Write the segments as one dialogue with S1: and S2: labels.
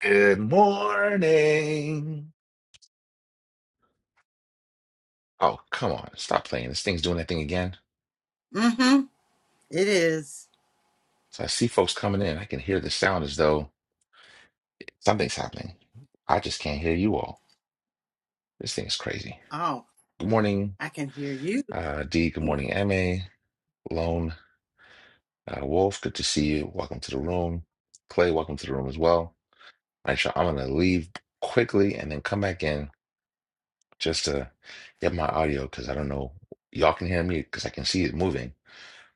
S1: Good morning. Oh, come on. Stop playing. This thing's doing that thing again.
S2: Mm-hmm. It is.
S1: So I see folks coming in. I can hear the sound as though something's happening. I just can't hear you all. This thing is crazy.
S2: Oh,
S1: Good morning,
S2: I can hear you.
S1: uh, D. Good morning, MA. Lone uh, Wolf. Good to see you. Welcome to the room. Clay, welcome to the room as well. All right, y'all. I'm going to leave quickly and then come back in just to get my audio because I don't know. Y'all can hear me because I can see it moving,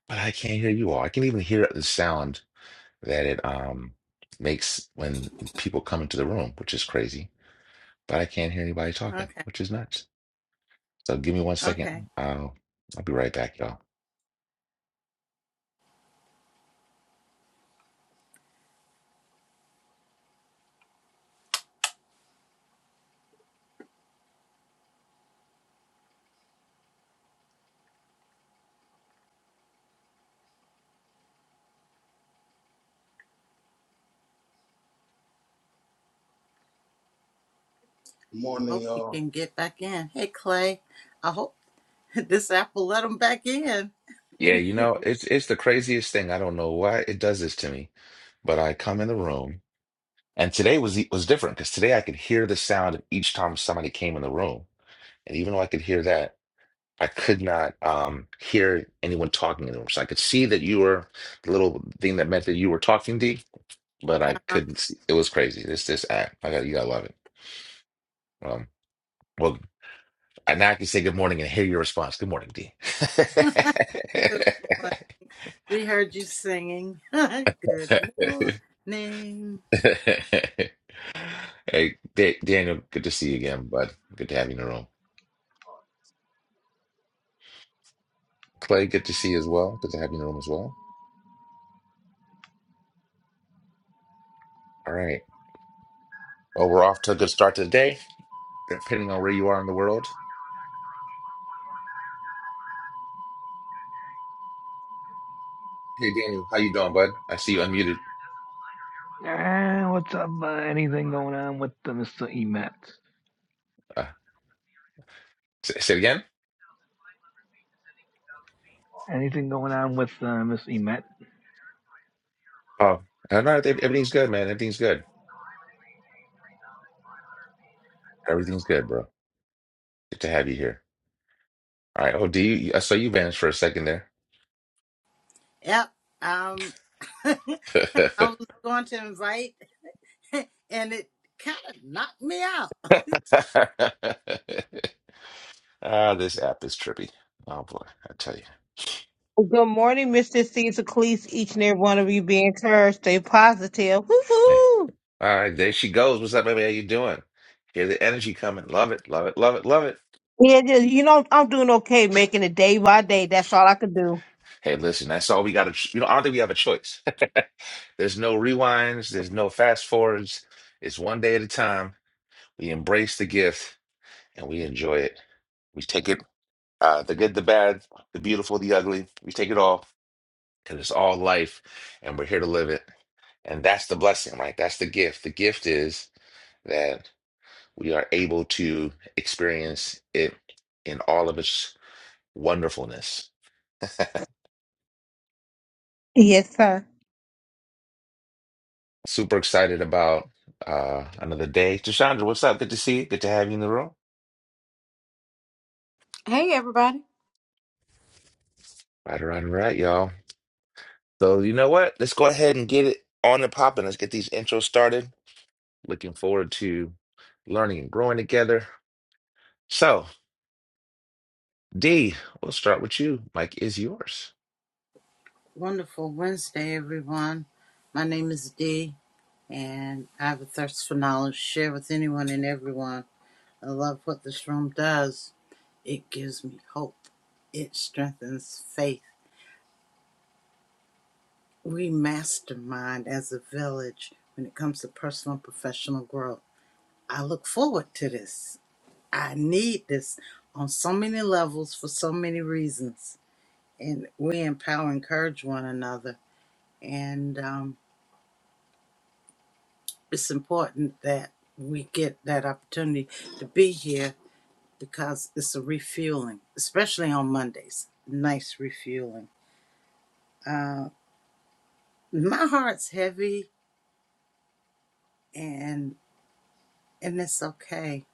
S1: but I can't hear you all. I can even hear the sound that it um makes when people come into the room, which is crazy. But I can't hear anybody talking,
S2: Okay.
S1: which is nuts. So give me one second.
S2: Okay.
S1: I'll I'll be right back, y'all.
S3: Good
S2: I
S3: morning,
S2: hope you
S3: y'all.
S2: can get back in. Hey, Clay. I hope this app will let him back in.
S1: Yeah, you know, it's it's the craziest thing. I don't know why it does this to me, but I come in the room, and today was e, was different because today I could hear the sound of each time somebody came in the room, and even though I could hear that, I could not um hear anyone talking in the room. So I could see that you were the little thing that meant that you were talking, D but I
S2: Uh-huh.
S1: couldn't see. It was crazy. This this app, I got you. Gotta love it. Um, well, I now can say good morning and hear your response. Good morning, D.
S2: Good morning. We heard you singing. Good morning.
S1: hey, Da- Daniel, good to see you again, bud. Good to have you in the room. Clay, good to see you as well. Good to have you in the room as well. All right. Well, we're off to a good start to the day, depending on where you are in the world. Hey, Daniel, how you doing, bud? I see you unmuted.
S4: Eh, what's up? Uh, anything going on with uh, Mr. Emet?
S1: Uh, say, say it again.
S4: Anything going on with uh, Miss Emet?
S1: Oh, no, no, everything's good, man. Everything's good. Everything's good, bro. Good to have you here. All right. Oh, do you? I saw you vanished for a second there.
S2: Yep. Um, I was going to invite, and it kind of knocked me out.
S1: Ah, this app is trippy. Oh boy, I tell you.
S5: Good morning, Mr. Caesar Cleese. Each and every one of you be encouraged, stay positive.
S1: Hey.
S5: Woo-hoo.
S1: All right, there she goes. What's up, baby? How you doing? Hear the energy coming. Love it, love it, love it, love it.
S5: Yeah, just, you know, I'm doing okay, making it day by day. That's all I could do.
S1: Hey, listen, that's all we got to. You know, I don't think we have a choice. There's no rewinds. There's no fast forwards. It's one day at a time. We embrace the gift and we enjoy it. We take it, uh, the good, the bad, the beautiful, the ugly. We take it all because it's all life and we're here to live it. And that's the blessing, right? That's the gift. The gift is that we are able to experience it in all of its wonderfulness.
S5: Yes, sir.
S1: Super excited about uh another day. Tashandra, what's up? Good to see you. Good to have you in the room.
S6: Hey, everybody.
S1: Right, all right, all right, y'all. So you know what? Let's go ahead and get it on and popping. Let's get these intros started. Looking forward to learning and growing together. So, D, we'll start with you. Mike is yours.
S2: Wonderful Wednesday, everyone. My name is Dee, and I have a thirst for knowledge to share with anyone and everyone. I love what the room does. It gives me hope. It strengthens faith. We mastermind as a village when it comes to personal and professional growth. I look forward to this. I need this on so many levels for so many reasons. And we empower, encourage one another. And um, it's important that we get that opportunity to be here because it's a refueling, especially on Mondays. Nice refueling. Uh, my heart's heavy, and and it's okay.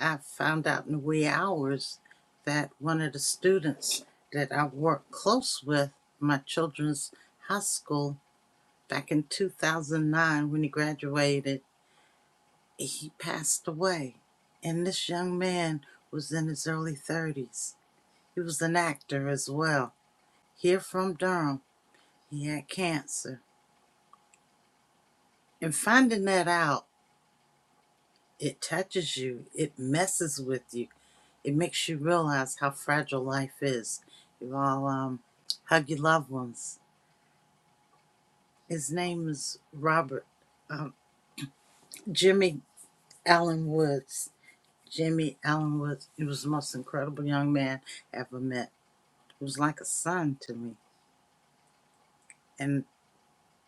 S2: I found out in the wee hours that one of the students that I worked close with, my children's high school, back in 2009 when he graduated, he passed away. And this young man was in his early 30s. He was an actor as well, here from Durham. He had cancer. And finding that out, It touches you, it messes with you, it makes you realize how fragile life is. You all um, hug your loved ones. His name is Robert um, Jimmy Allen Woods. Jimmy Allen Woods, he was the most incredible young man I ever met. He was like a son to me. And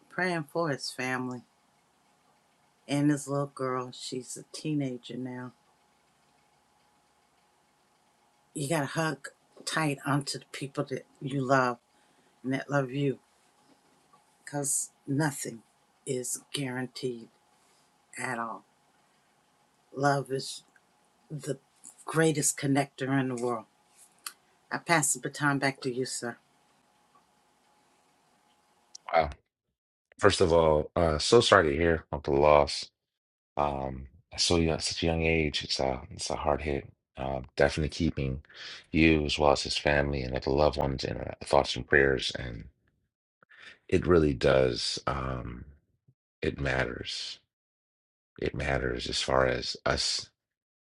S2: praying for his family and his little girl. She's a teenager now. You got to hug tight onto the people that you love and that love you because nothing is guaranteed at all. Love is the greatest connector in the world. I pass the baton back to you, sir.
S1: Wow. First of all, uh, so sorry to hear of the loss. Um, at so young, such a young age, it's a it's a hard hit. Uh, definitely keeping you as well as his family and other loved ones in our thoughts and prayers. And it really does. Um, it matters. It matters as far as us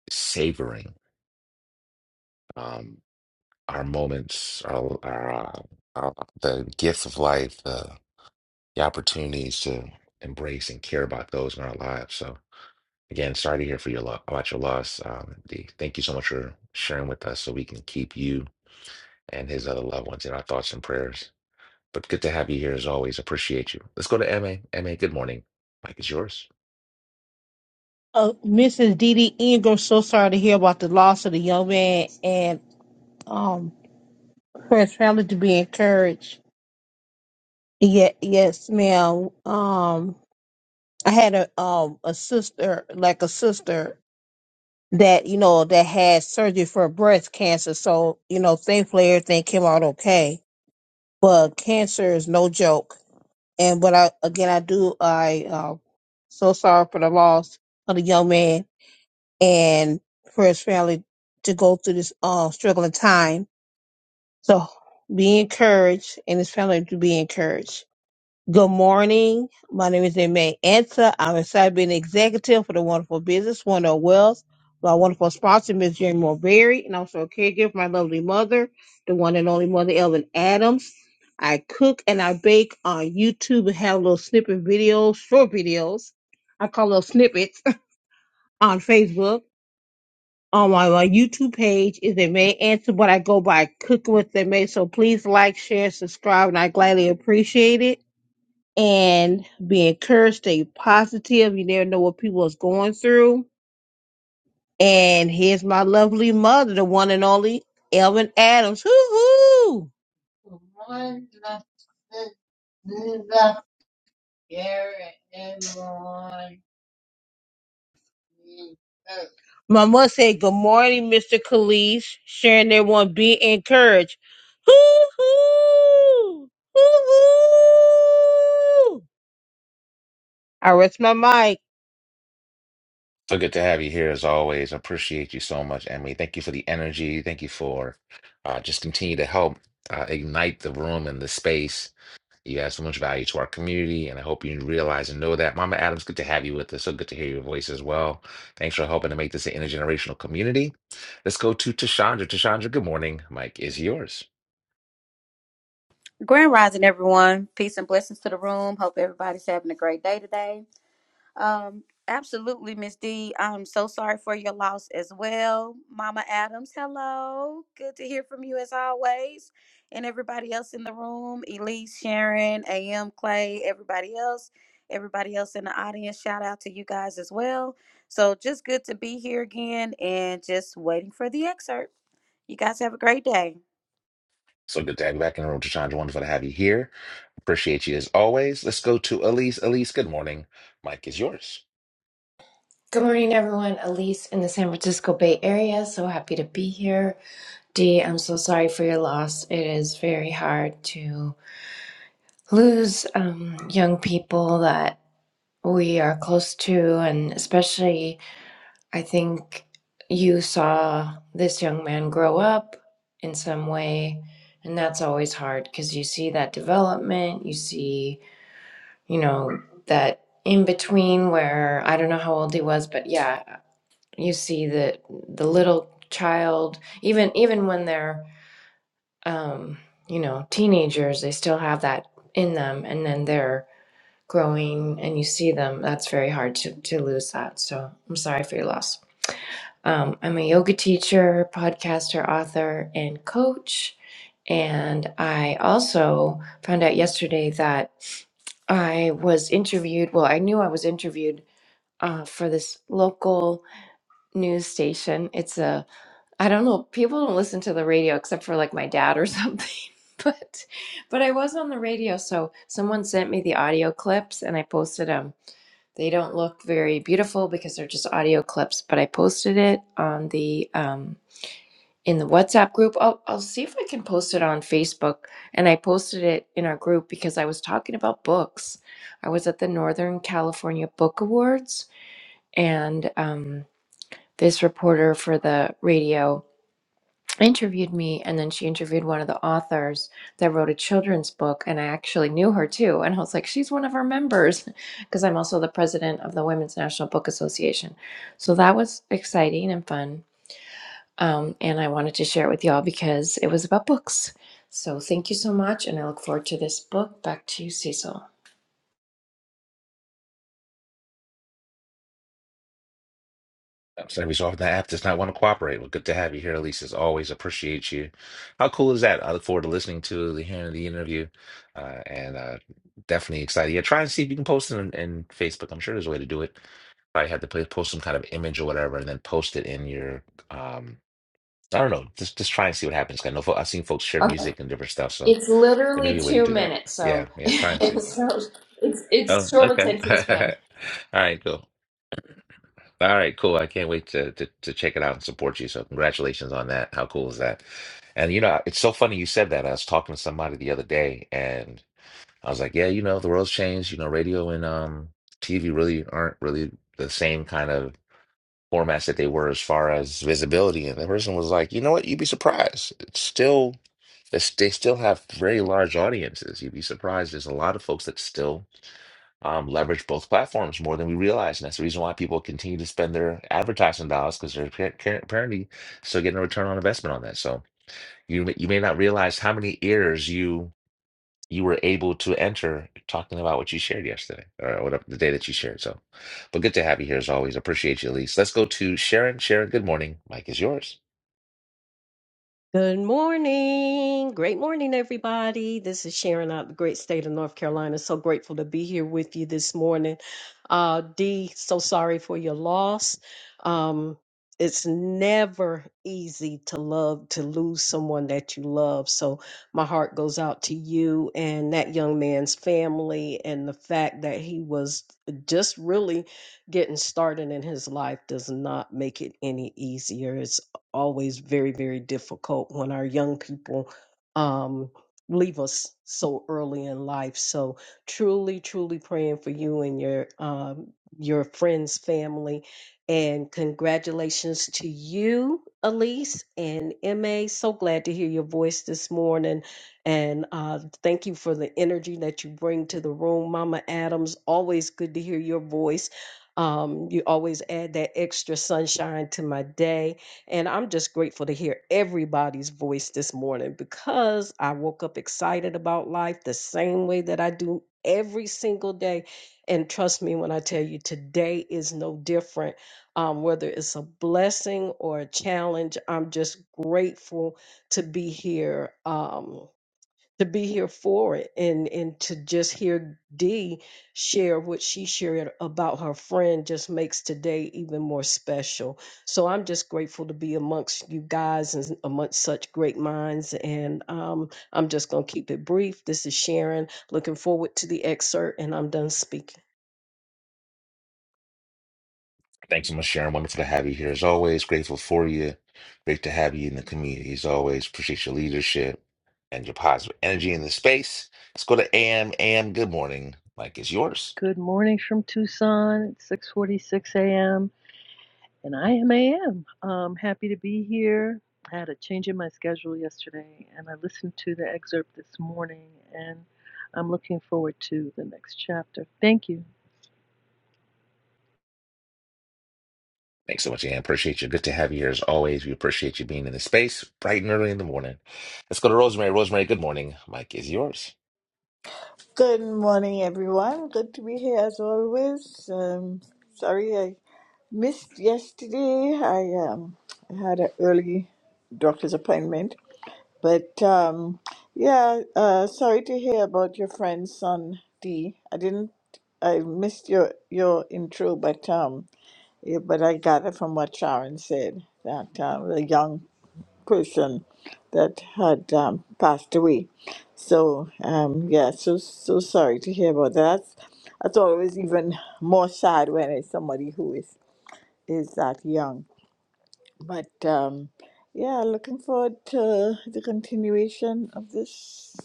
S1: savoring um, our moments, our, our, uh, our the gifts of life, the the opportunities to embrace and care about those in our lives. So Again, sorry to hear for your lo- about your loss. Um, D. Thank you so much for sharing with us so we can keep you and his other loved ones in our thoughts and prayers. But good to have you here as always. Appreciate you. Let's go to MA. MA, good morning. Mike is yours.
S5: Uh, Mrs. Dee Dee Ingram, so sorry to hear about the loss of the young man and um for his family to be encouraged. Yeah, yes, ma'am. Um, I had a um a sister, like a sister that you know that had surgery for breast cancer. So you know, thankfully everything came out okay but cancer is no joke. And what I again I do I um so sorry for the loss of the young man and for his family to go through this uh struggling time. So be encouraged and his family to be encouraged. Good morning. My name is Aimee Ansa. I'm a cyber executive for the Wonderful Business, Wonderful Wells. My wonderful sponsor, Miss Jane Morberry, and also a caregiver for my lovely mother, the one and only mother, Ellen Adams. I cook and I bake on YouTube and have little snippet videos, short videos. I call them snippets on Facebook. On my, my YouTube page is Aimee Ansa, but I go by Cooking with Aimee. So please like, share, subscribe, and I gladly appreciate it and be encouraged, stay positive. You never know what people is going through. And here's my lovely mother, the one and only Elvin Adams. Hoo hoo! The one that sits in the air and everyone is hurt. My mother said, Good morning, Mr. Khalees. Sharing everyone, be encouraged. Hoo hoo! Hoo hoo! I rest my mic.
S1: So good to have you here as always. Appreciate you so much, MA. Thank you for the energy. Thank you for uh, just continue to help uh, ignite the room and the space You add so much value to our community, and I hope you realize and know that. Mama Adams, good to have you with us. So good to hear your voice as well. Thanks for helping to make this an intergenerational community. Let's go to Tashandra. Tashandra, good morning. Mike is yours.
S6: Grand rising, everyone. Peace and blessings to the room. Hope everybody's having a great day today. Um, absolutely, Miss D. I'm so sorry for your loss as well. Mama Adams, hello. Good to hear from you as always. And everybody else in the room, Elise, Sharon, AM, Clay, everybody else, everybody else in the audience, shout out to you guys as well. So just good to be here again and just waiting for the excerpt. You guys have a great day.
S1: So good to have you back in the room, Tashandra. Wonderful to have you here. Appreciate you as always. Let's go to Elise. Elise, good morning. Mike is yours.
S7: Good morning, everyone. Elise in the San Francisco Bay Area. So happy to be here. Dee, I'm so sorry for your loss. It is very hard to lose um, young people that we are close to. And especially, I think you saw this young man grow up in some way. And that's always hard because you see that development, you see, you know, that in between where I don't know how old he was, but yeah, you see that the little child even even when they're um you know teenagers they still have that in them and then they're growing and you see them that's very hard to to lose that so i'm sorry for your loss um, i'm a yoga teacher podcaster author and coach and i also found out yesterday that i was interviewed well i knew i was interviewed uh, for this local news station it's a I don't know. People don't listen to the radio except for like my dad or something. But but I was on the radio, so someone sent me the audio clips and I posted them. They don't look very beautiful because they're just audio clips, but I posted it on the um in the WhatsApp group. I'll I'll see if I can post it on Facebook. And I posted it in our group because I was talking about books. I was at the Northern California Book Awards and um this reporter for the radio interviewed me and then she interviewed one of the authors that wrote a children's book and I actually knew her too and I was like she's one of our members because I'm also the president of the Women's National Book Association. So that was exciting and fun. Um, and I wanted to share it with y'all because it was about books. So thank you so much and I look forward to this book. Back to you, Cecil.
S1: Every so often, the app does not want to cooperate. Well, good to have you here, Elise. As always, appreciate you. How cool is that? I look forward to listening to the hearing of the interview, uh, and uh, definitely excited. Yeah, try and see if you can post it in, in Facebook. I'm sure there's a way to do it. Probably had to play, post some kind of image or whatever, and then post it in your. Um, I don't know. Just just try and see what happens. 'Cause I know fo- I've seen folks share
S7: Okay.
S1: music and different stuff, so
S7: It's
S1: there may
S7: literally
S1: be a way to
S7: two
S1: do that.
S7: minutes, so,
S1: Yeah, yeah. Try and see.
S7: so it's it's
S1: Oh,
S7: short
S1: okay.
S7: attention span.
S1: All right, cool. All right, cool. I can't wait to, to to check it out and support you. So congratulations on that. How cool is that? And you know, it's so funny you said that. I was talking to somebody the other day and I was like, yeah, you know, the world's changed. You know, radio and um TV really aren't really the same kind of formats that they were as far as visibility. And the person was like, you know what? You'd be surprised. It's still it's, they still have very large audiences. You'd be surprised. There's a lot of folks that still um, leverage both platforms more than we realize. And that's the reason why people continue to spend their advertising dollars because they're appar- appar- apparently still getting a return on investment on that. So you may- you may not realize how many ears you you were able to enter talking about what you shared yesterday or whatever the day that you shared. So, but good to have you here as always. Appreciate you, Elise. Let's go to Sharon. Sharon, good morning. Mike is yours.
S8: Good morning. Great morning, everybody. This is Sharon out of the great state of North Carolina. So grateful to be here with you this morning. Uh, Dee, so sorry for your loss. Um, it's never easy to love, to lose someone that you love. So my heart goes out to you and that young man's family and the fact that he was just really getting started in his life does not make it any easier. It's always very, very difficult when our young people um, leave us so early in life. So truly, truly praying for you and your um, your friends, family, and congratulations to you, Elise and Emma. So glad to hear your voice this morning, and uh, thank you for the energy that you bring to the room, Mama Adams. Always good to hear your voice. Um, you always add that extra sunshine to my day and I'm just grateful to hear everybody's voice this morning because I woke up excited about life the same way that I do every single day. And trust me when I tell you, today is no different. Um, whether it's a blessing or a challenge, I'm just grateful to be here. Um, to be here for it and and to just hear Dee share what she shared about her friend just makes today even more special. So I'm just grateful to be amongst you guys and amongst such great minds. And um, I'm just gonna keep it brief. This is Sharon. Looking forward to the excerpt, and I'm done speaking.
S1: Thanks so much, Sharon. Wonderful to have you here as always. Grateful for you. Great to have you in the community as always. Appreciate your leadership and your positive energy in the space. Let's go to AM. AM, good morning. Mike is yours.
S9: Good morning from Tucson. It's 6:46 a.m. and I am AM. Um, happy to be here. I had a change in my schedule yesterday, and I listened to the excerpt this morning, and I'm looking forward to the next chapter. Thank you.
S1: Thanks so much, AM. Appreciate you. Good to have you here as always. We appreciate you being in the space bright and early in the morning. Let's go to Rosemary. Rosemary, good morning. Mike is yours.
S10: Good morning, everyone. Good to be here as always. Um, sorry I missed yesterday. I um, had an early doctor's appointment, but um, yeah, uh, sorry to hear about your friend's son D. I didn't. I missed your your intro, but um, yeah, but I gathered from what Sharon said that um, the young person that had um, passed away. So um, yeah, so so sorry to hear about that. That's, that's always even more sad when it's somebody who is is that young. But um, yeah, looking forward to the continuation of this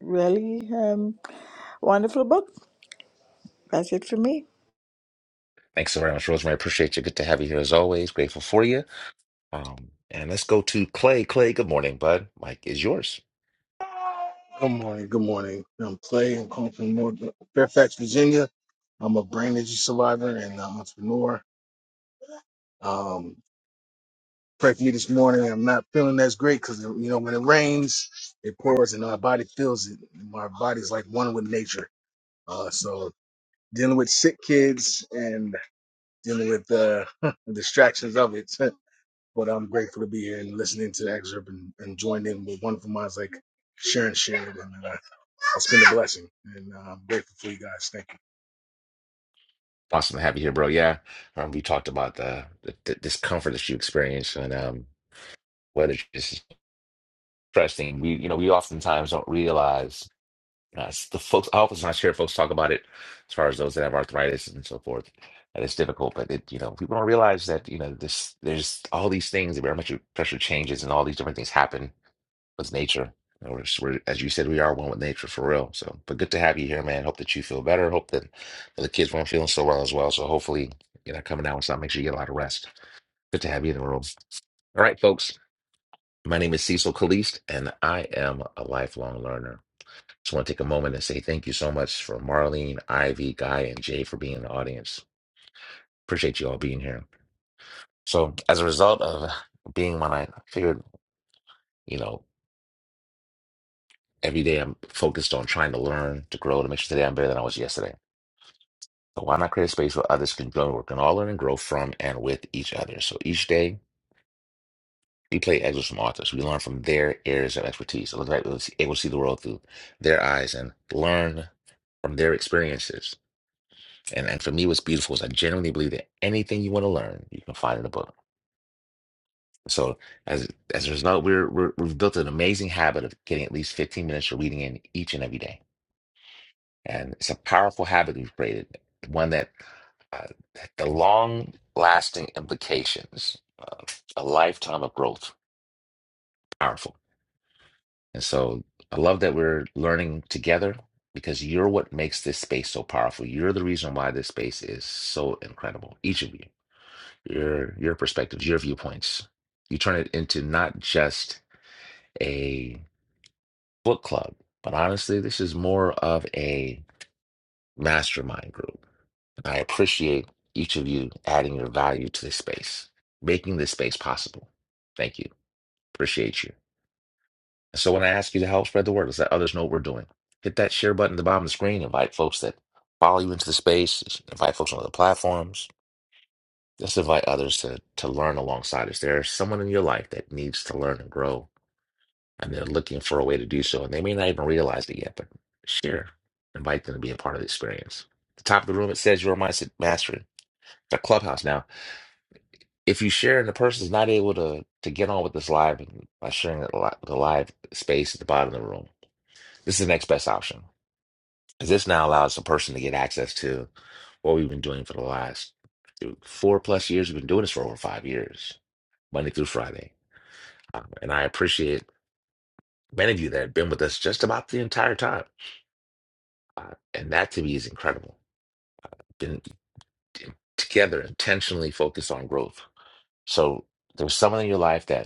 S10: really um, wonderful book. That's it for me.
S1: Thanks so very much, Rosemary. Appreciate you. Good to have you here as always. Grateful for you. Um, and let's go to Clay. Clay, good morning, bud. Mike is yours.
S3: Good morning. Good morning. I'm Clay. I'm calling from North Fairfax, Virginia. I'm a brain injury survivor and an entrepreneur. Um, pray for me this morning. I'm not feeling as great because you know when it rains, it pours and our body feels it. My body's like one with nature. Uh, so dealing with sick kids and dealing with uh, the distractions of it. but I'm grateful to be here and listening to the excerpt and, and joining in with wonderful minds like Sharon Sharon It's been a blessing, and uh, I'm grateful for you guys. Thank you.
S1: Awesome to have you here, bro. Yeah, um, we talked about the, the, the discomfort that you experience and um, whether it's just interesting. We, you know, we oftentimes don't realize uh, s- the folks. I oftentimes hear folks talk about it as far as those that have arthritis and so forth, and it's difficult. But it, you know, people don't realize that you know this. There's all these things. The barometric pressure changes, and all these different things happen with nature. And We're, just- we're, as you said, we are one with nature for real. So, but good to have you here, man. Hope that you feel better. Hope that the kids weren't feeling so well as well. So, hopefully, you know, coming down with something Make sure you get a lot of rest. Good to have you in the room. All right, folks. My name is Cecil Caliste, and I am a lifelong learner. Just want to take a moment and say thank you so much for Marlene, Ivy, Guy, and Jay for being in the audience. Appreciate you all being here. So, as a result of being when I figured, you know, every day I'm focused on trying to learn, to grow, to make sure today I'm better than I was yesterday. So why not create a space where others can join, work, and all learn and grow from and with each other? So each day, we play excerpts from authors. We learn from their areas of expertise. It looks like we're able to see the world through their eyes and learn from their experiences. And and for me, what's beautiful is I genuinely believe that anything you want to learn, you can find in a book. So as as a result, we're, we're we've built an amazing habit of getting at least 15 minutes of reading in each and every day. And it's a powerful habit we've created, one that uh, the long lasting implications of a lifetime of growth powerful and so i love that we're learning together because you're what makes this space so powerful you're the reason why this space is so incredible each of you your your perspectives your viewpoints you turn it into not just a book club but honestly this is more of a mastermind group I appreciate each of you adding your value to this space, making this space possible. Thank you. Appreciate you. And so when I ask you to help spread the word, let's let others know what we're doing. Hit that share button at the bottom of the screen. Invite folks that follow you into the space. Invite folks on other platforms. Just invite others to, to learn alongside us. There's someone in your life that needs to learn and grow, and they're looking for a way to do so. And they may not even realize it yet, but share. Invite them to be a part of the experience. At the top of the room, it says your mindset mastery. It's a clubhouse now if you share and the person's not able to to get on with this live by sharing it li- the live space at the bottom of the room, this is the next best option. 'Cause This now allows a person to get access to what we've been doing for the last dude, four plus years. We've been doing this for over five years, Monday through Friday. Um, and I appreciate many of you that have been with us just about the entire time. Uh, and that to me is incredible. Been t- together, intentionally focused on growth. So there's someone in your life that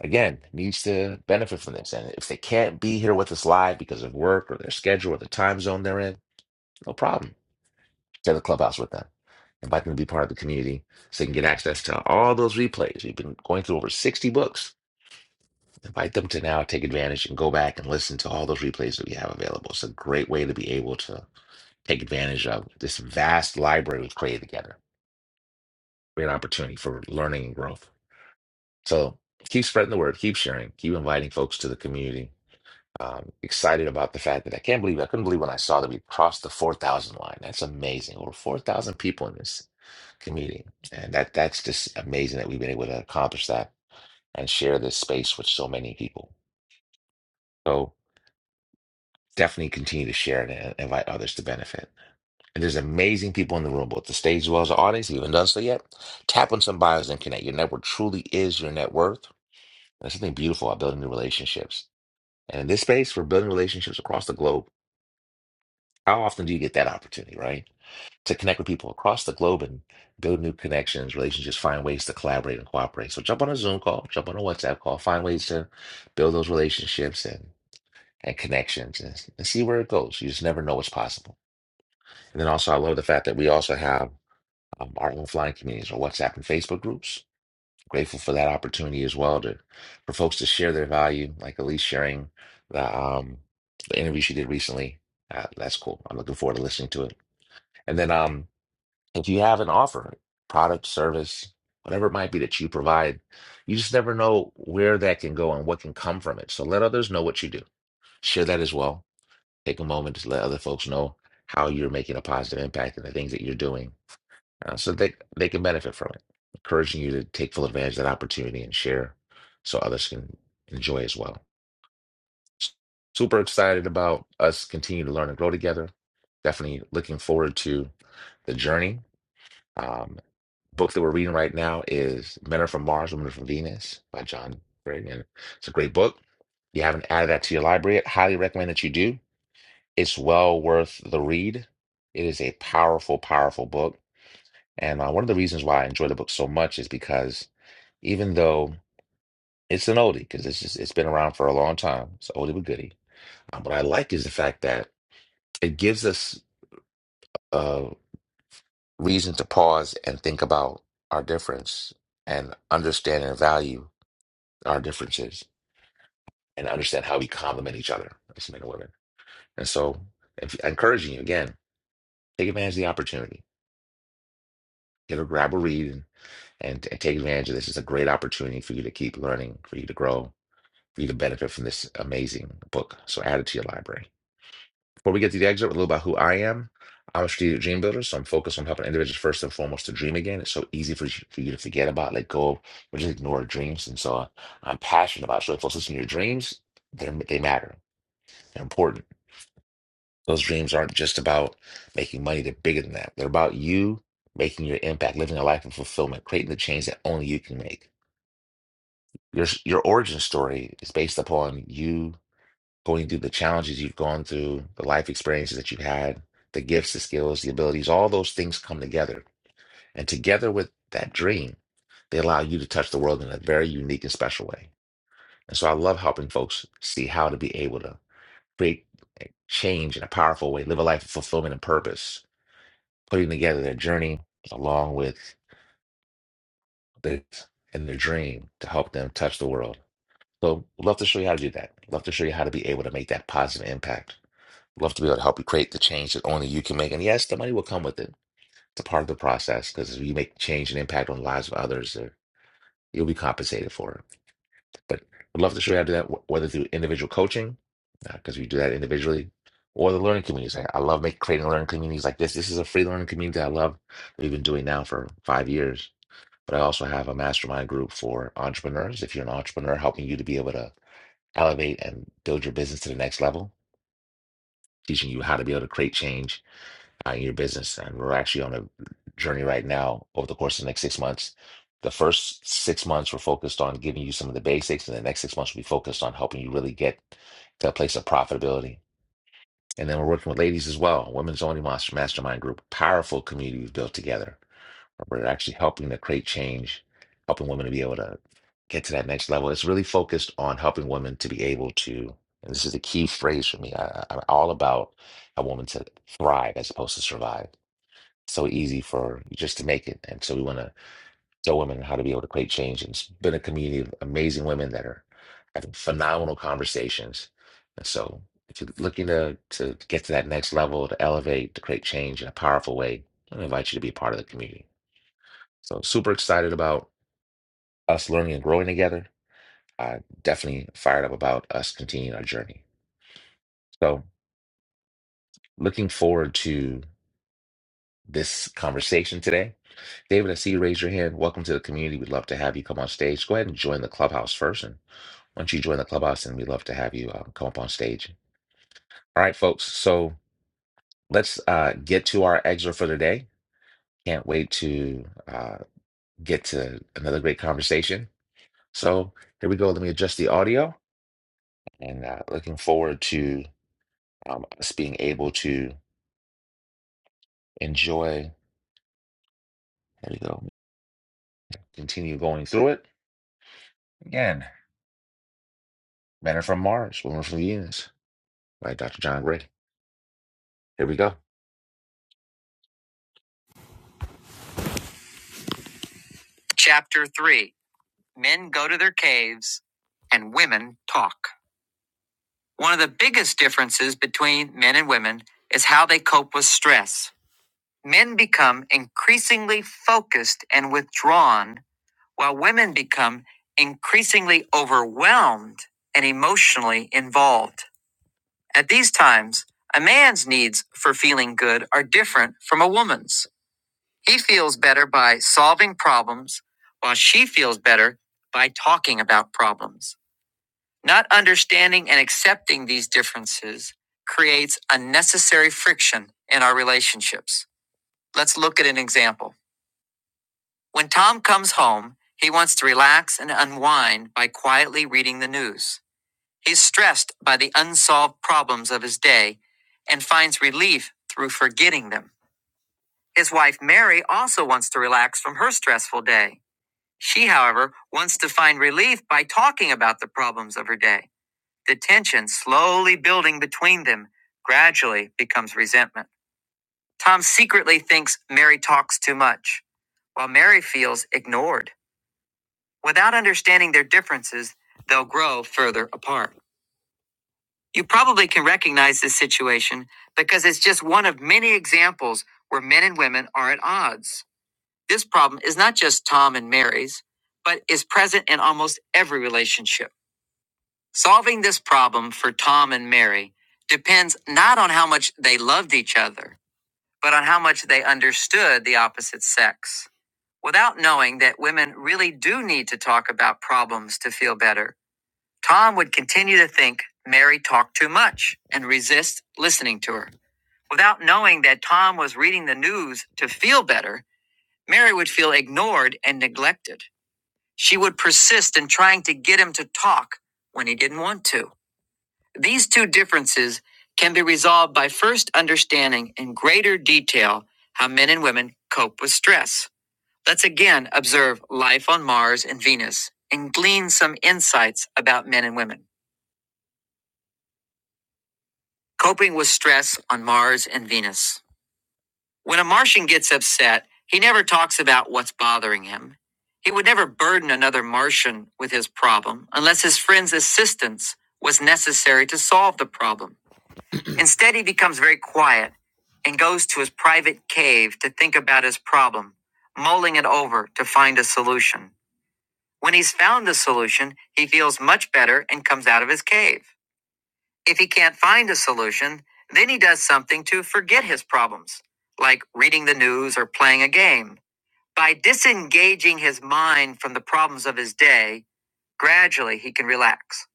S1: again, needs to benefit from this. And if they can't be here with us live because of work or their schedule or the time zone they're in, no problem. Share the clubhouse with them. Invite them to be part of the community so they can get access to all those replays. We've been going through over 60 books. Invite them to now take advantage and go back and listen to all those replays that we have available. It's a great way to be able to take advantage of this vast library we've created together. Great opportunity for learning and growth. So keep spreading the word, keep sharing, keep inviting folks to the community Um, excited about the fact that I can't believe I couldn't believe when I saw that we crossed the 4,000 line. That's amazing. Over 4,000 people in this community. And that that's just amazing that we've been able to accomplish that and share this space with so many people. So definitely continue to share it and invite others to benefit. And there's amazing people in the room, both the stage as well as the audience. If you haven't done so yet, tap on some bios and connect. Your network truly is your net worth. There's something beautiful about building new relationships. And in this space, we're building relationships across the globe. How often do you get that opportunity, right? to connect with people across the globe and build new connections, relationships, find ways to collaborate and cooperate. So jump on a Zoom call, jump on a WhatsApp call, find ways to build those relationships and and connections and, and see where it goes. You just never know what's possible. And then also, I love the fact that we also have um, our own flying communities or WhatsApp and Facebook groups. Grateful for that opportunity as well to for folks to share their value, like Elise sharing the um the interview she did recently. Uh, that's cool. I'm looking forward to listening to it. And then um if you have an offer, product, service, whatever it might be that you provide, you just never know where that can go and what can come from it. So let others know what you do. Share that as well. Take a moment to let other folks know how you're making a positive impact and the things that you're doing uh, so they, they can benefit from it. Encouraging you to take full advantage of that opportunity and share so others can enjoy as well. Super excited about us continue to learn and grow together. Definitely looking forward to the journey. Um, book that we're reading right now is Men Are From Mars, Women Are From Venus by John Gray, and It's a great book. If you haven't added that to your library, I highly recommend that you do. It's well worth the read. It is a powerful, powerful book. And uh, one of the reasons why I enjoy the book so much is because even though it's an oldie, because it's just, it's been around for a long time, it's an oldie but goodie. Um, what I like is the fact that it gives us a reason to pause and think about our difference and understand and value our differences and understand how we complement each other as men and women. And so, if, encouraging you again, take advantage of the opportunity. Get a grab a read and, and and take advantage of this. It's a great opportunity for you to keep learning, for you to grow, for you to benefit from this amazing book. So add it to your library. Before we get to the excerpt, a little about who I am. I'm a strategic dream builder, so I'm focused on helping individuals first and foremost to dream again. It's so easy for, you- for you to forget about, let go, or just ignore dreams. And so I'm passionate about. So if folks listen to your dreams, they're- they matter. They're important Those dreams aren't just about making money, they're bigger than that. They're about you making your impact, living a life of fulfillment, creating the change that only you can make. Your your origin story is based upon you going through the challenges you've gone through, the life experiences that you've had, the gifts, the skills, the abilities, all those things come together. And together with that dream, they allow you to touch the world in a very unique and special way. And so I love helping folks see how to be able to create change in a powerful way, live a life of fulfillment and purpose putting together their journey along with this and their dream to help them touch the world. So, love to show you how to do that. Love to show you how to be able to make that positive impact. Love to be able to help you create the change that only you can make. And yes, the money will come with it. It's a part of the process because if you make change and impact on the lives of others, uh, you'll be compensated for it. But I'd love to show you how to do that, wh- whether through individual coaching, because we do that individually, or the learning communities. I I love making creating learning communities like this. This is a free learning community I love. that We've been doing now for five years But I also have a mastermind group for entrepreneurs. If you're an entrepreneur, helping you to be able to elevate and build your business to the next level, teaching you how to be able to create change uh, in your business. And we're actually on a journey right now over the course of the next six months. The first six months were focused on giving you some of the basics, and the next six months will be focused on helping you really get to a place of profitability. And then we're working with ladies as well, Women's Only Master Mastermind Group, powerful community we've built together we're actually helping to create change, helping women to be able to get to that next level. It's really focused on helping women to be able to, and this is the key phrase for me. I, I- am all about a woman to thrive as opposed to survive. So easy for you just to make it. And so we want to show women how to be able to create change. And it's been a community of amazing women that are having phenomenal conversations. And so if you're looking to, to get to that next level, to elevate, to create change in a powerful way, I invite you to be a part of the community. So super excited about us learning and growing together. Uh, definitely fired up about us continuing our journey. So looking forward to this conversation today. David, I see you raise your hand. Welcome to the community. We'd love to have you come on stage. Go ahead and join the clubhouse first. And once you join the clubhouse, then we'd love to have you um, come up on stage. All right, folks. So let's uh, get to our excerpt for today. Can't wait to uh, get to another great conversation. So here we go. Let me adjust the audio. and uh, looking forward to um, us being able to enjoy. There we go. Continue going through it again. Men are from Mars, women are from Venus. By Dr. John Gray. Here we go. Chapter three: Men go to their caves, and women talk. One of the biggest differences between men and women is how they cope with stress. Men become increasingly focused and withdrawn while women become increasingly overwhelmed and emotionally involved. At these times, a man's needs for feeling good are different from a woman's. He feels better by solving problems, while she feels better by talking about problems. Not understanding and accepting these differences creates unnecessary friction in our relationships. Let's look at an example. When Tom comes home, he wants to relax and unwind by quietly reading the news. He's stressed by the unsolved problems of his day and finds relief through forgetting them. His wife, Mary, also wants to relax from her stressful day. She, however, wants to find relief by talking about the problems of her day. The tension slowly building between them gradually becomes resentment. Tom secretly thinks Mary talks too much, while Mary feels ignored. Without understanding their differences, they'll grow further apart. You probably can recognize this situation because it's just one of many examples where men and women are at odds. This problem is not just Tom and Mary's, but is present in almost every relationship. Solving this problem for Tom and Mary depends not on how much they loved each other, but on how much they understood the opposite sex. Without knowing that women really do need to talk about problems to feel better, Tom would continue to think Mary talked too much and resist listening to her. Without knowing that Tom was reading the news to feel better, Mary would feel ignored and neglected. She would persist in trying to get him to talk when he didn't want to. These two differences can be resolved by first understanding in greater detail how men and women cope with stress. Let's again observe life on Mars and Venus and glean some insights about men and women. Coping with stress on Mars and Venus. When a Martian gets upset, he never talks about what's bothering him. He would never burden another Martian with his problem unless his friend's assistance was necessary to solve the problem. Instead, he becomes very quiet and goes to his private cave to think about his problem, mulling it over to find a solution. When he's found the solution, he feels much better and comes out of his cave. If he can't find a solution, then he does something to forget his problems, like reading the news or playing a game. By disengaging his mind from the problems of his day, gradually he can relax.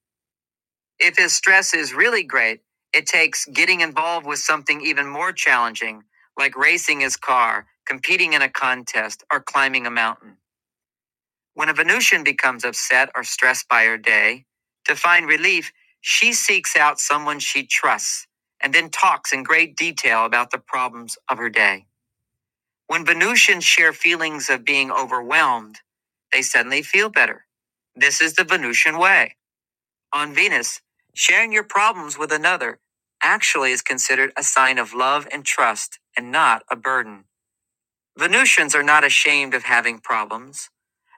S1: If his stress is really great, it takes getting involved with something even more challenging, like racing his car, competing in a contest, or climbing a mountain. When a Venusian becomes upset or stressed by her day, to find relief, she seeks out someone she trusts and then talks in great detail about the problems of her day. When Venusians share feelings of being overwhelmed, they suddenly feel better. This is the Venusian way. On Venus, sharing your problems with another actually is considered a sign of love and trust and not a burden. Venusians are not ashamed of having problems.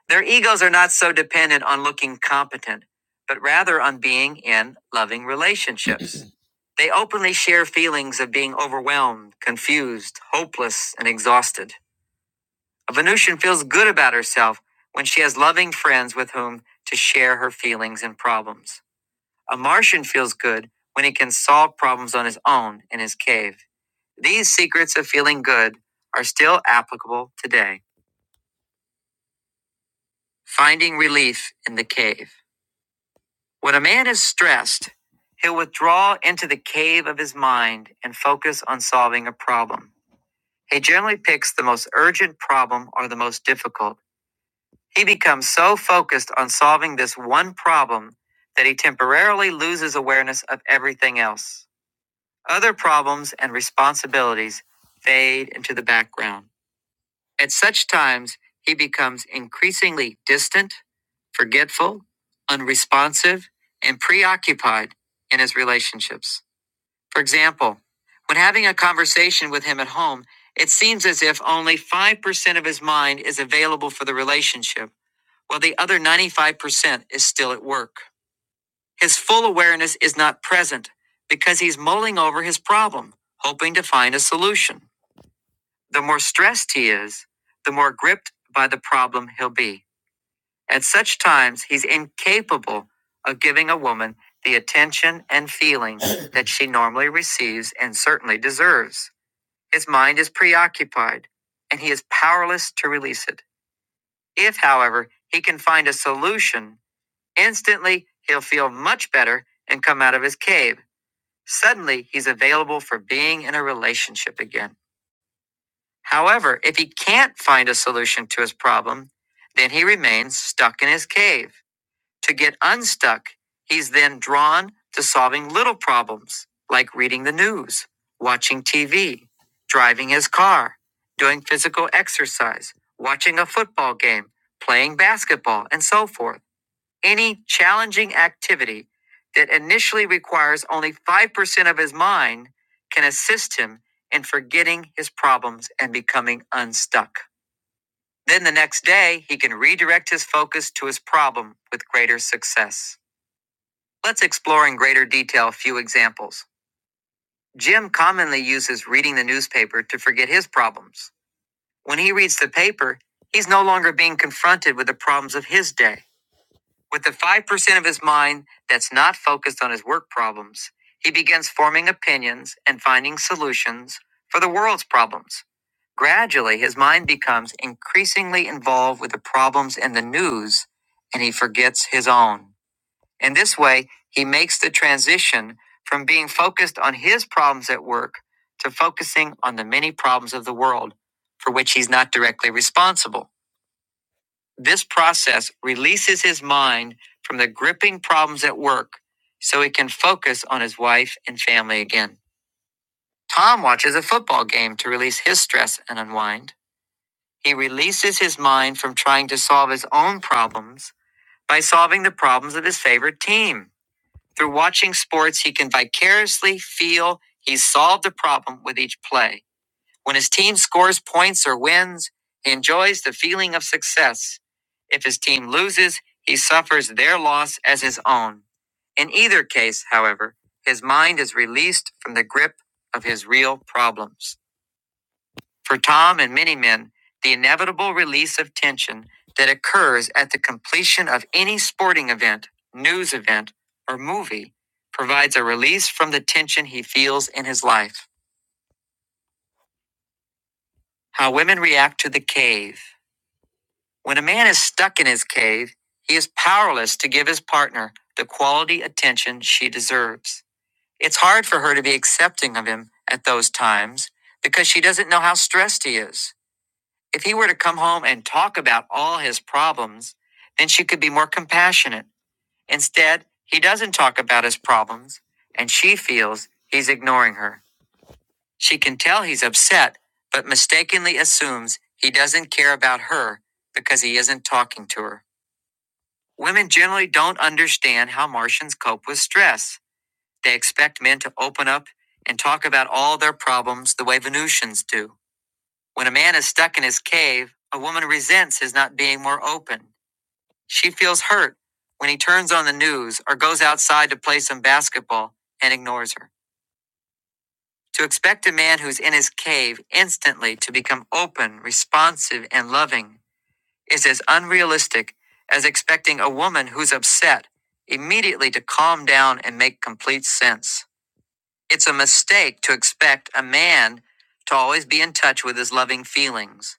S1: Their egos are not so dependent on looking competent, but rather on being in loving relationships. they openly share feelings of being overwhelmed, confused, hopeless, and exhausted. A Venusian feels good about herself when she has loving friends with whom to share her feelings and problems. A Martian feels good when he can solve problems on his own in his cave. These secrets of feeling good are still applicable today. Finding relief in the cave. When a man is stressed, he'll withdraw into the cave of his mind and focus on solving a problem. He generally picks the most urgent problem or the most difficult. He becomes so focused on solving this one problem that he temporarily loses awareness of everything else. Other problems and responsibilities fade into the background. At such times, he becomes increasingly distant, forgetful, unresponsive, and preoccupied in his relationships. For example, when having a conversation with him at home, it seems as if only 5% of his mind is available for the relationship, while the other 95% is still at work. His full awareness is not present because he's mulling over his problem, hoping to find a solution. The more stressed he is, the more gripped by the problem he'll be. At such times, he's incapable of giving a woman the attention and feeling that she normally receives and certainly deserves. His mind is preoccupied, and he is powerless to release it. If, however, he can find a solution, instantly he'll feel much better and come out of his cave. Suddenly, he's available for being in a relationship again. However, if he can't find a solution to his problem, then he remains stuck in his cave. To get unstuck, he's then drawn to solving little problems like reading the news, watching TV, driving his car, doing physical exercise, watching a football game, playing basketball, and so forth. Any challenging activity that initially requires only 5% of his mind can assist him in forgetting his problems and becoming unstuck. Then the next day, he can redirect his focus to his problem with greater success. Let's explore in greater detail a few examples. Jim commonly uses reading the newspaper to forget his problems. When he reads the paper, he's no longer being confronted with the problems of his day. With the 5% of his mind that's not focused on his work problems, he begins forming opinions and finding solutions for the world's problems. Gradually, his mind becomes increasingly involved with the problems in the news and he forgets his own. In this way, he makes the transition from being focused on his problems at work to focusing on the many problems of the world for which he's not directly responsible. This process releases his mind from the gripping problems at work so he can focus on his wife and family again. Tom watches a football game to release his stress and unwind. He releases his mind from trying to solve his own problems by solving the problems of his favorite team. Through watching sports, he can vicariously feel he's solved the problem with each play when his team scores points or wins, he enjoys the feeling of success. If his team loses, he suffers their loss as his own. In either case, however, his mind is released from the grip of his real problems. For Tom and many men, the inevitable release of tension that occurs at the completion of any sporting event, news event, or movie provides a release from the tension he feels in his life. How women react to the cave. When a man is stuck in his cave, he is powerless to give his partner the quality attention she deserves. It's hard for her to be accepting of him at those times because she doesn't know how stressed he is. If he were to come home and talk about all his problems, then she could be more compassionate. Instead, he doesn't talk about his problems, and she feels he's ignoring her. She can tell he's upset, but mistakenly assumes he doesn't care about her because he isn't talking to her. Women generally don't understand how Martians cope with stress. They expect men to open up and talk about all their problems the way Venusians do. When a man is stuck in his cave, a woman resents his not being more open. She feels hurt when he turns on the news or goes outside to play some basketball and ignores her. To expect a man who's in his cave instantly to become open, responsive, and loving is as unrealistic as expecting a woman who's upset immediately to calm down and make complete sense. It's a mistake to expect a man to always be in touch with his loving feelings,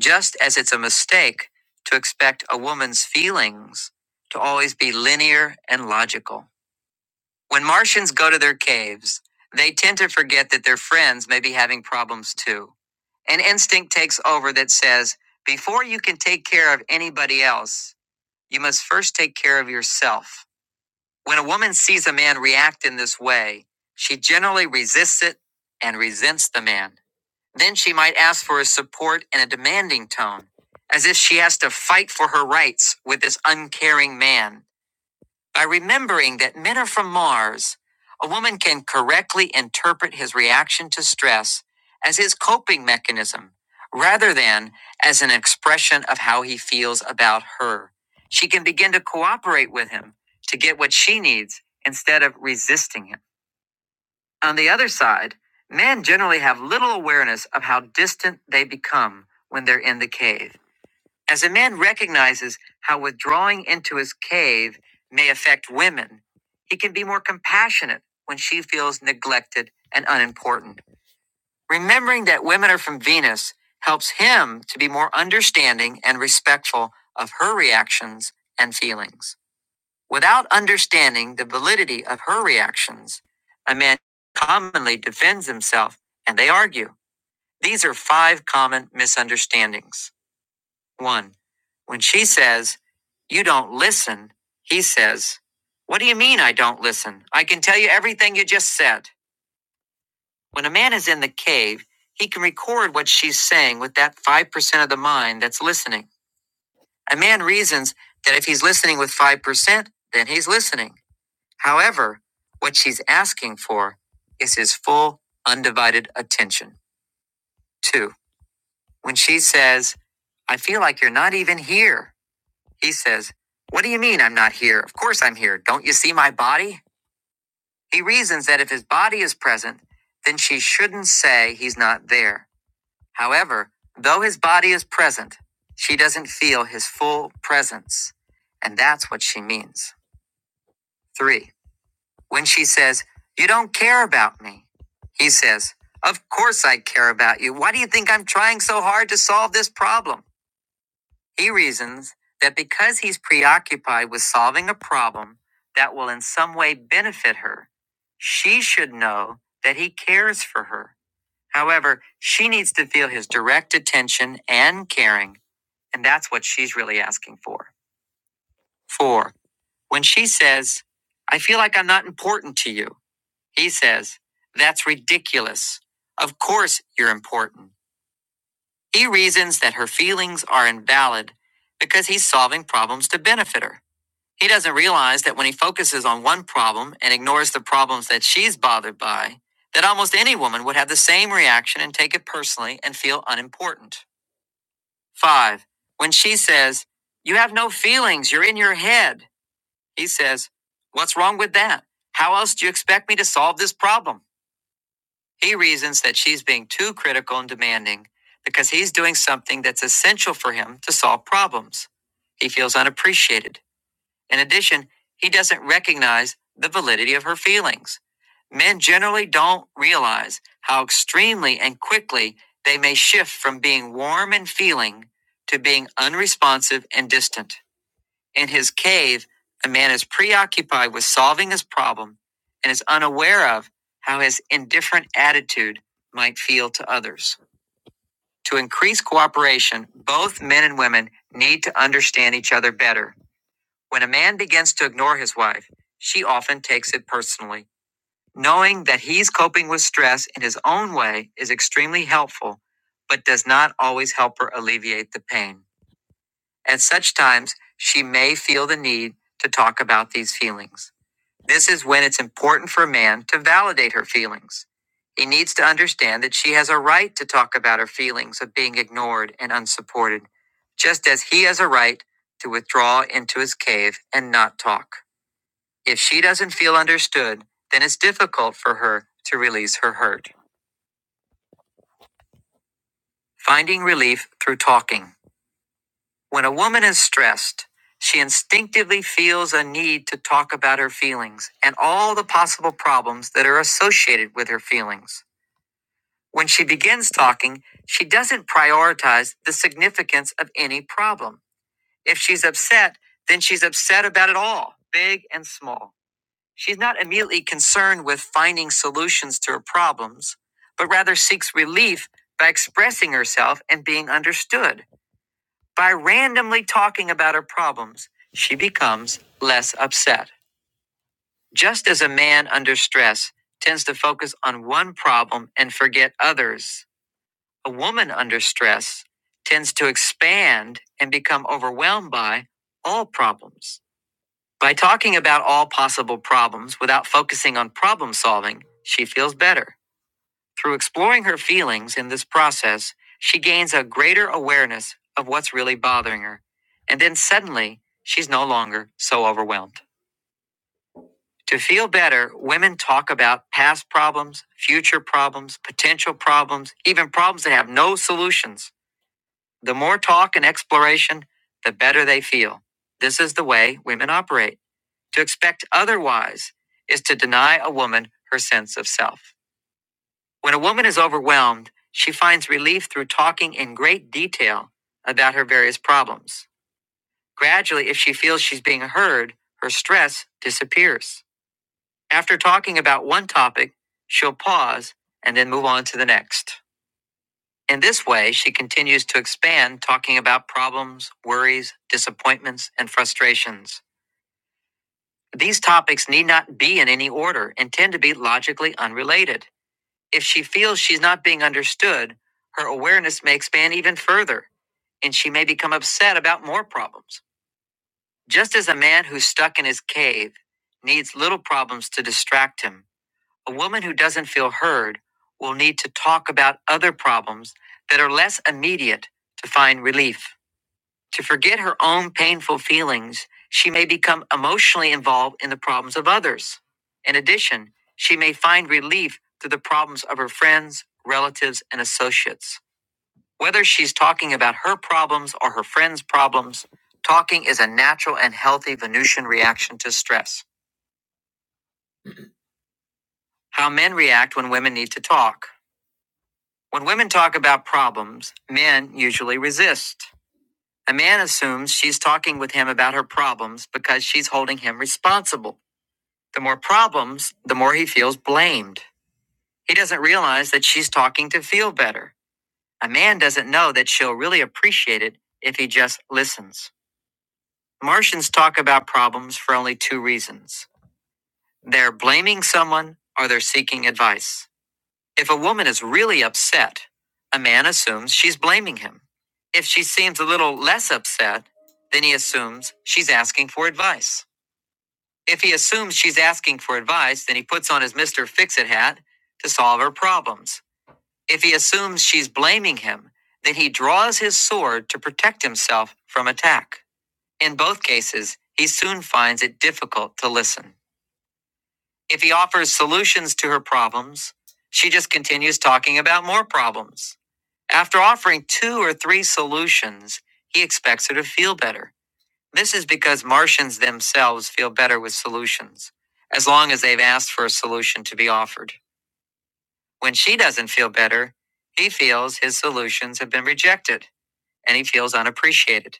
S1: just as it's a mistake to expect a woman's feelings to always be linear and logical. When Martians go to their caves, they tend to forget that their friends may be having problems too. An instinct takes over that says, before you can take care of anybody else, you must first take care of yourself. When a woman sees a man react in this way, she generally resists it and resents the man. Then she might ask for his support in a demanding tone, as if she has to fight for her rights with this uncaring man. By remembering that men are from Mars, a woman can correctly interpret his reaction to stress as his coping mechanism rather than as an expression of how he feels about her. She can begin to cooperate with him to get what she needs instead of resisting him. On the other side, men generally have little awareness of how distant they become when they're in the cave. As a man recognizes how withdrawing into his cave may affect women, he can be more compassionate when she feels neglected and unimportant. Remembering that women are from Venus helps him to be more understanding and respectful of her reactions and feelings. Without understanding the validity of her reactions, a man commonly defends himself and they argue. These are five common misunderstandings. One, when she says, You don't listen, he says, What do you mean I don't listen? I can tell you everything you just said. When a man is in the cave, he can record what she's saying with that 5% of the mind that's listening. A man reasons that if he's listening with 5%, then he's listening. However, what she's asking for is his full, undivided attention. Two, when she says, I feel like you're not even here. He says, What do you mean I'm not here? Of course I'm here. Don't you see my body? He reasons that if his body is present, then she shouldn't say he's not there. However, though his body is present, she doesn't feel his full presence. And that's what she means. Three, when she says, You don't care about me, he says, Of course I care about you. Why do you think I'm trying so hard to solve this problem? He reasons that because he's preoccupied with solving a problem that will in some way benefit her, she should know that he cares for her. However, she needs to feel his direct attention and caring, and that's what she's really asking for. Four, when she says, I feel like I'm not important to you, he says, That's ridiculous. Of course you're important. He reasons that her feelings are invalid because he's solving problems to benefit her. He doesn't realize that when he focuses on one problem and ignores the problems that she's bothered by, that almost any woman would have the same reaction and take it personally and feel unimportant. Five, when she says, You have no feelings, you're in your head, he says, What's wrong with that? How else do you expect me to solve this problem? He reasons that she's being too critical and demanding because he's doing something that's essential for him to solve problems. He feels unappreciated. In addition, he doesn't recognize the validity of her feelings. Men generally don't realize how extremely and quickly they may shift from being warm and feeling to being unresponsive and distant. In his cave, a man is preoccupied with solving his problem and is unaware of how his indifferent attitude might feel to others. To increase cooperation, both men and women need to understand each other better when a man begins to ignore his wife, she often takes it personally. Knowing that he's coping with stress in his own way is extremely helpful, but does not always help her alleviate the pain. At such times, she may feel the need to talk about these feelings. This is when it's important for a man to validate her feelings. He needs to understand that she has a right to talk about her feelings of being ignored and unsupported, just as he has a right to withdraw into his cave and not talk. If she doesn't feel understood, then it's difficult for her to release her hurt. Finding relief through talking. When a woman is stressed, she instinctively feels a need to talk about her feelings and all the possible problems that are associated with her feelings. When she begins talking, she doesn't prioritize the significance of any problem. If she's upset, then she's upset about it all, big and small. She's not immediately concerned with finding solutions to her problems, but rather seeks relief by expressing herself and being understood. By randomly talking about her problems, she becomes less upset. Just as a man under stress tends to focus on one problem and forget others, a woman under stress tends to expand and become overwhelmed by all problems. By talking about all possible problems without focusing on problem solving, she feels better. Through exploring her feelings in this process, she gains a greater awareness of what's really bothering her. And then suddenly, she's no longer so overwhelmed. To feel better, women talk about past problems, future problems, potential problems, even problems that have no solutions. The more talk and exploration, the better they feel. This is the way women operate. To expect otherwise is to deny a woman her sense of self. When a woman is overwhelmed, she finds relief through talking in great detail about her various problems. Gradually, if she feels she's being heard, her stress disappears. After talking about one topic, she'll pause and then move on to the next. In this way, she continues to expand talking about problems, worries, disappointments, and frustrations. These topics need not be in any order and tend to be logically unrelated. If she feels she's not being understood, her awareness may expand even further, and she may become upset about more problems. Just as a man who's stuck in his cave needs little problems to distract him, a woman who doesn't feel heard will need to talk about other problems that are less immediate to find relief. To forget her own painful feelings, she may become emotionally involved in the problems of others. In addition, she may find relief through the problems of her friends, relatives, and associates. Whether she's talking about her problems or her friends' problems, talking is a natural and healthy Venusian reaction to stress. How men react when women need to talk. When women talk about problems, men usually resist. A man assumes she's talking with him about her problems because she's holding him responsible. The more problems, the more he feels blamed. He doesn't realize that she's talking to feel better. A man doesn't know that she'll really appreciate it if he just listens. Martians talk about problems for only two reasons they're blaming someone or they're seeking advice. If a woman is really upset, a man assumes she's blaming him. If she seems a little less upset, then he assumes she's asking for advice. If he assumes she's asking for advice, then he puts on his Mr. Fix It hat to solve her problems. If he assumes she's blaming him, then he draws his sword to protect himself from attack. In both cases, he soon finds it difficult to listen. If he offers solutions to her problems, she just continues talking about more problems. After offering two or three solutions, he expects her to feel better. This is because Martians themselves feel better with solutions, as long as they've asked for a solution to be offered. When she doesn't feel better, he feels his solutions have been rejected and he feels unappreciated.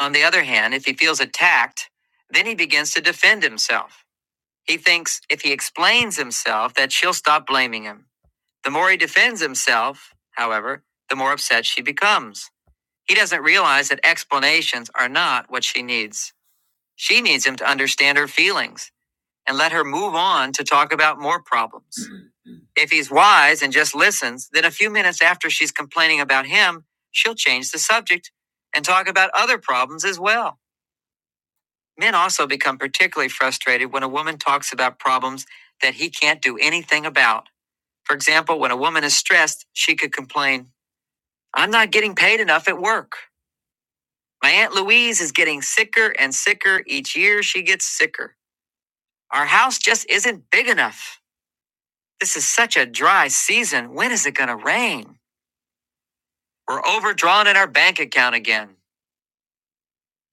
S1: On the other hand, if he feels attacked, then he begins to defend himself. He thinks if he explains himself that she'll stop blaming him. The more he defends himself, however, the more upset she becomes. He doesn't realize that explanations are not what she needs. She needs him to understand her feelings and let her move on to talk about more problems. Mm-hmm. If he's wise and just listens, then a few minutes after she's complaining about him, she'll change the subject and talk about other problems as well. Men also become particularly frustrated when a woman talks about problems that he can't do anything about. For example, when a woman is stressed, she could complain, I'm not getting paid enough at work. My Aunt Louise is getting sicker and sicker. Each year she gets sicker. Our house just isn't big enough. This is such a dry season. When is it going to rain? We're overdrawn in our bank account again.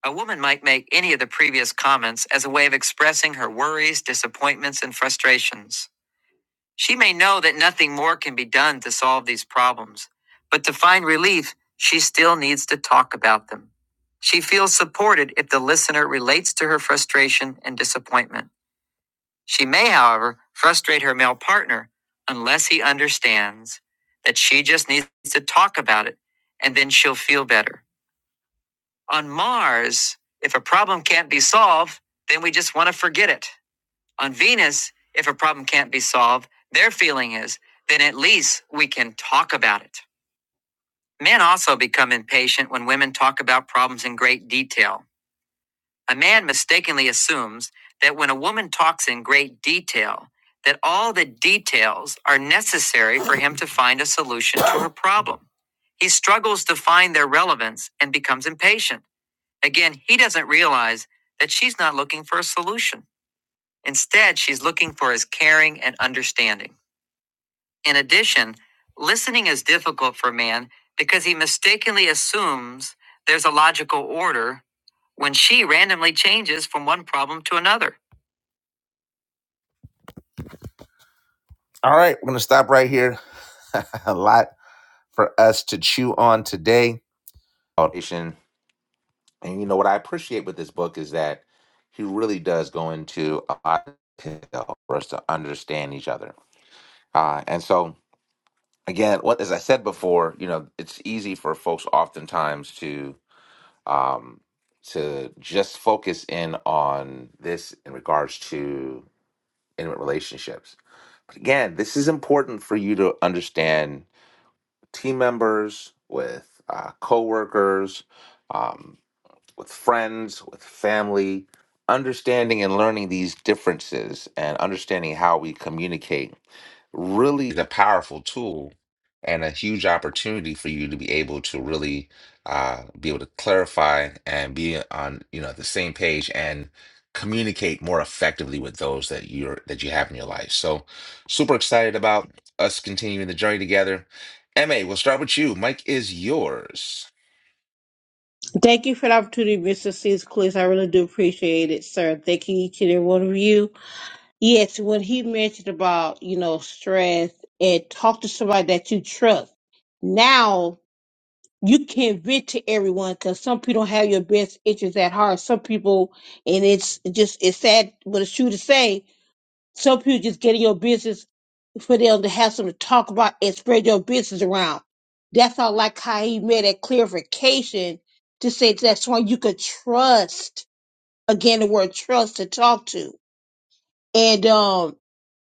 S1: A woman might make any of the previous comments as a way of expressing her worries, disappointments, and frustrations. She may know that nothing more can be done to solve these problems, but to find relief, she still needs to talk about them. She feels supported if the listener relates to her frustration and disappointment. She may, however, frustrate her male partner unless he understands that she just needs to talk about it and then she'll feel better. On Mars, if a problem can't be solved, then we just want to forget it. On Venus, if a problem can't be solved, their feeling is, then at least we can talk about it. Men also become impatient when women talk about problems in great detail. A man mistakenly assumes that when a woman talks in great detail, that all the details are necessary for him to find a solution to her problem. He struggles to find their relevance and becomes impatient. Again, he doesn't realize that she's not looking for a solution. Instead, she's looking for his caring and understanding. In addition, listening is difficult for man because he mistakenly assumes there's a logical order when she randomly changes from one problem to another. All right, we're going to stop right here. a lot for us to chew on today. Foundation. And you know what I appreciate with this book is that he really does go into a lot of detail for us to understand each other. Uh, and so, again, what as I said before, you know, it's easy for folks oftentimes to um, to just focus in on this in regards to intimate relationships. But again, this is important for you to understand team members with uh, coworkers. um, with friends, with family, understanding and learning these differences and understanding how we communicate really is a powerful tool and a huge opportunity for you to be able to really uh, be able to clarify and be on you know the same page and communicate more effectively with those that you're that you have in your life so super excited about us continuing the journey together ma we'll start with you mike is yours
S5: Thank you for the opportunity, Mr. Sis Clis. I really do appreciate it, sir. Thank you each and every one of you. Yes, when he mentioned about, you know, stress and talk to somebody that you trust, now you can vent to everyone because some people don't have your best interests at heart. Some people, and it's just, it's sad, but it's true to say, some people just getting your business for them to have something to talk about and spread your business around. That's all like how he made that clarification to say that's why you could trust again the word trust to talk to. And um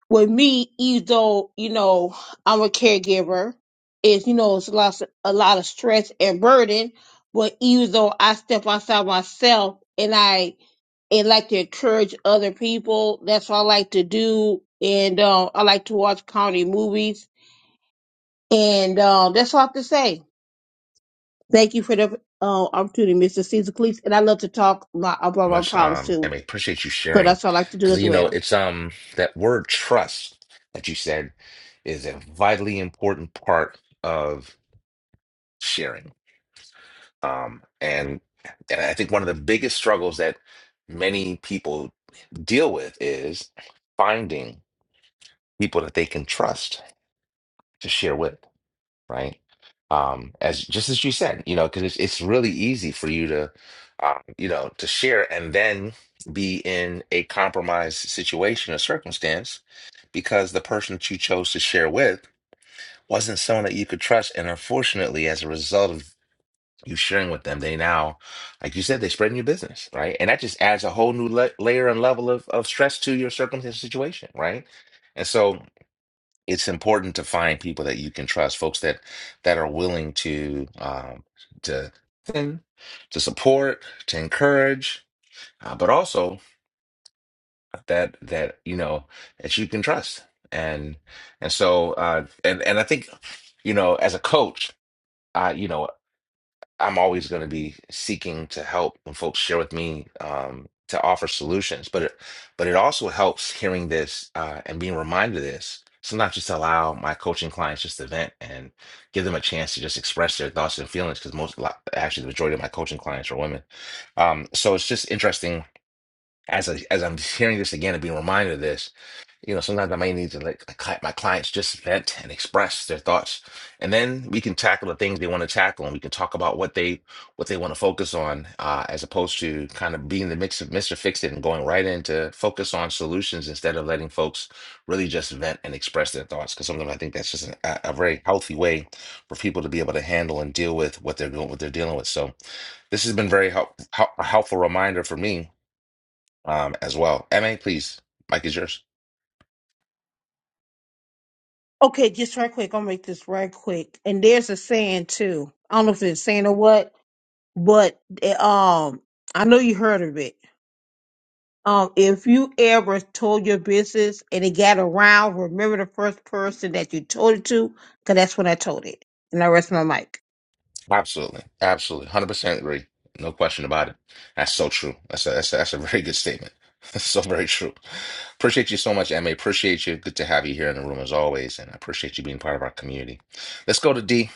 S5: with me, even though, you know, I'm a caregiver, it's you know, it's a lot a lot of stress and burden. But even though I step outside myself and I and like to encourage other people. That's what I like to do. And uh, I like to watch comedy movies. And uh, that's all I have to say. Thank you for the uh, opportunity, Mr. Caesar Cleese. And I love to talk my, about my
S1: much
S5: problems
S1: um I
S5: too.
S1: appreciate you
S5: So
S1: sharing
S5: that's what I like to do
S1: because
S5: as
S1: you know
S5: well.
S1: it's um that word trust that you said is a vitally important part of sharing um and and I think one of the biggest struggles that many people deal with is finding people that they can trust to share with right? Um, as just as you said, you know, because it's it's really easy for you to, um, you know, to share and then be in a compromised situation or circumstance because the person that you chose to share with wasn't someone that you could trust, and unfortunately, as a result of you sharing with them, they now, like you said, they spreading your business, right? And that just adds a whole new la- layer and level of of stress to your circumstance situation, right? And so it's important to find people that you can trust, folks that that are willing to um, to to support, to encourage, uh, but also that that you know that you can trust. And and so uh, and and I think you know as a coach, I you know. I'm always going to be seeking to help when folks share with me um, to offer solutions. But it, but it also helps hearing this uh, and being reminded of this. Sometimes just allow my coaching clients just to vent and give them a chance to just express their thoughts and feelings because most lo- actually the majority of my coaching clients are women. Um, so it's just interesting as I, as I'm hearing this again and being reminded of this you know, sometimes I may need to let a cli- my clients just vent and express their thoughts, and then we can tackle the things they want to tackle, and we can talk about what they what they want to focus on, uh, as opposed to kind of being the mix of Mister Fix It and going right into focus on solutions instead of letting folks really just vent and express their thoughts. Because sometimes I think that's just an- a, a very healthy way for people to be able to handle and deal with what they're doing, what they're dealing with. So this has been very help, help, a helpful reminder for me um, as well. Ma, please, Mike is yours.
S5: Okay, just right quick. I'll make this right quick. And there's a saying too. I don't know if it's a saying or what, but eh, um, I know you heard of it Um, if you ever told your business and it got around, remember the first person that you told it to, because that's when I told it. And I rest my mic.
S1: Absolutely. Absolutely. 100% agree. No question about it. That's so true. That's a, that's a, that's a very good statement. That's so very true. Appreciate you so much, Emma. Appreciate you. Good to have you here in the room as always. And I appreciate you being part of our community. Let's go to D.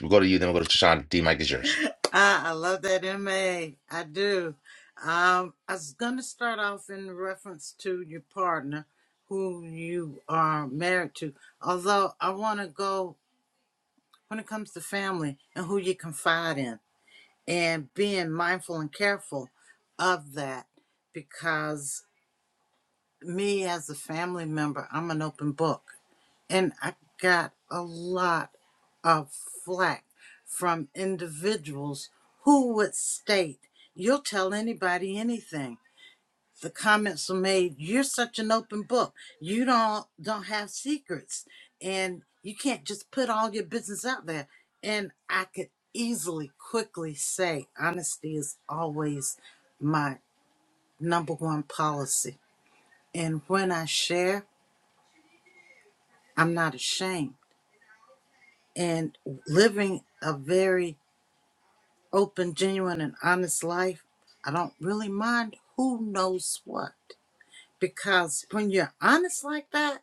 S1: We'll go to you, then we'll go to Tashawn. D, Mike is yours.
S2: Ah, I love that MA. I do. Um, I was going to start off in reference to your partner who you are married to, although I want to go when it comes to family and who you confide in and being mindful and careful of that because me as a family member, I'm an open book. And I got a lot of flack from individuals who would state, You'll tell anybody anything. The comments were made, You're such an open book. You don't don't have secrets and you can't just put all your business out there. And I could easily, quickly say honesty is always my number one policy. And when I share I'm not ashamed. And living a very open, genuine, and honest life, I don't really mind who knows what. Because when you're honest like that,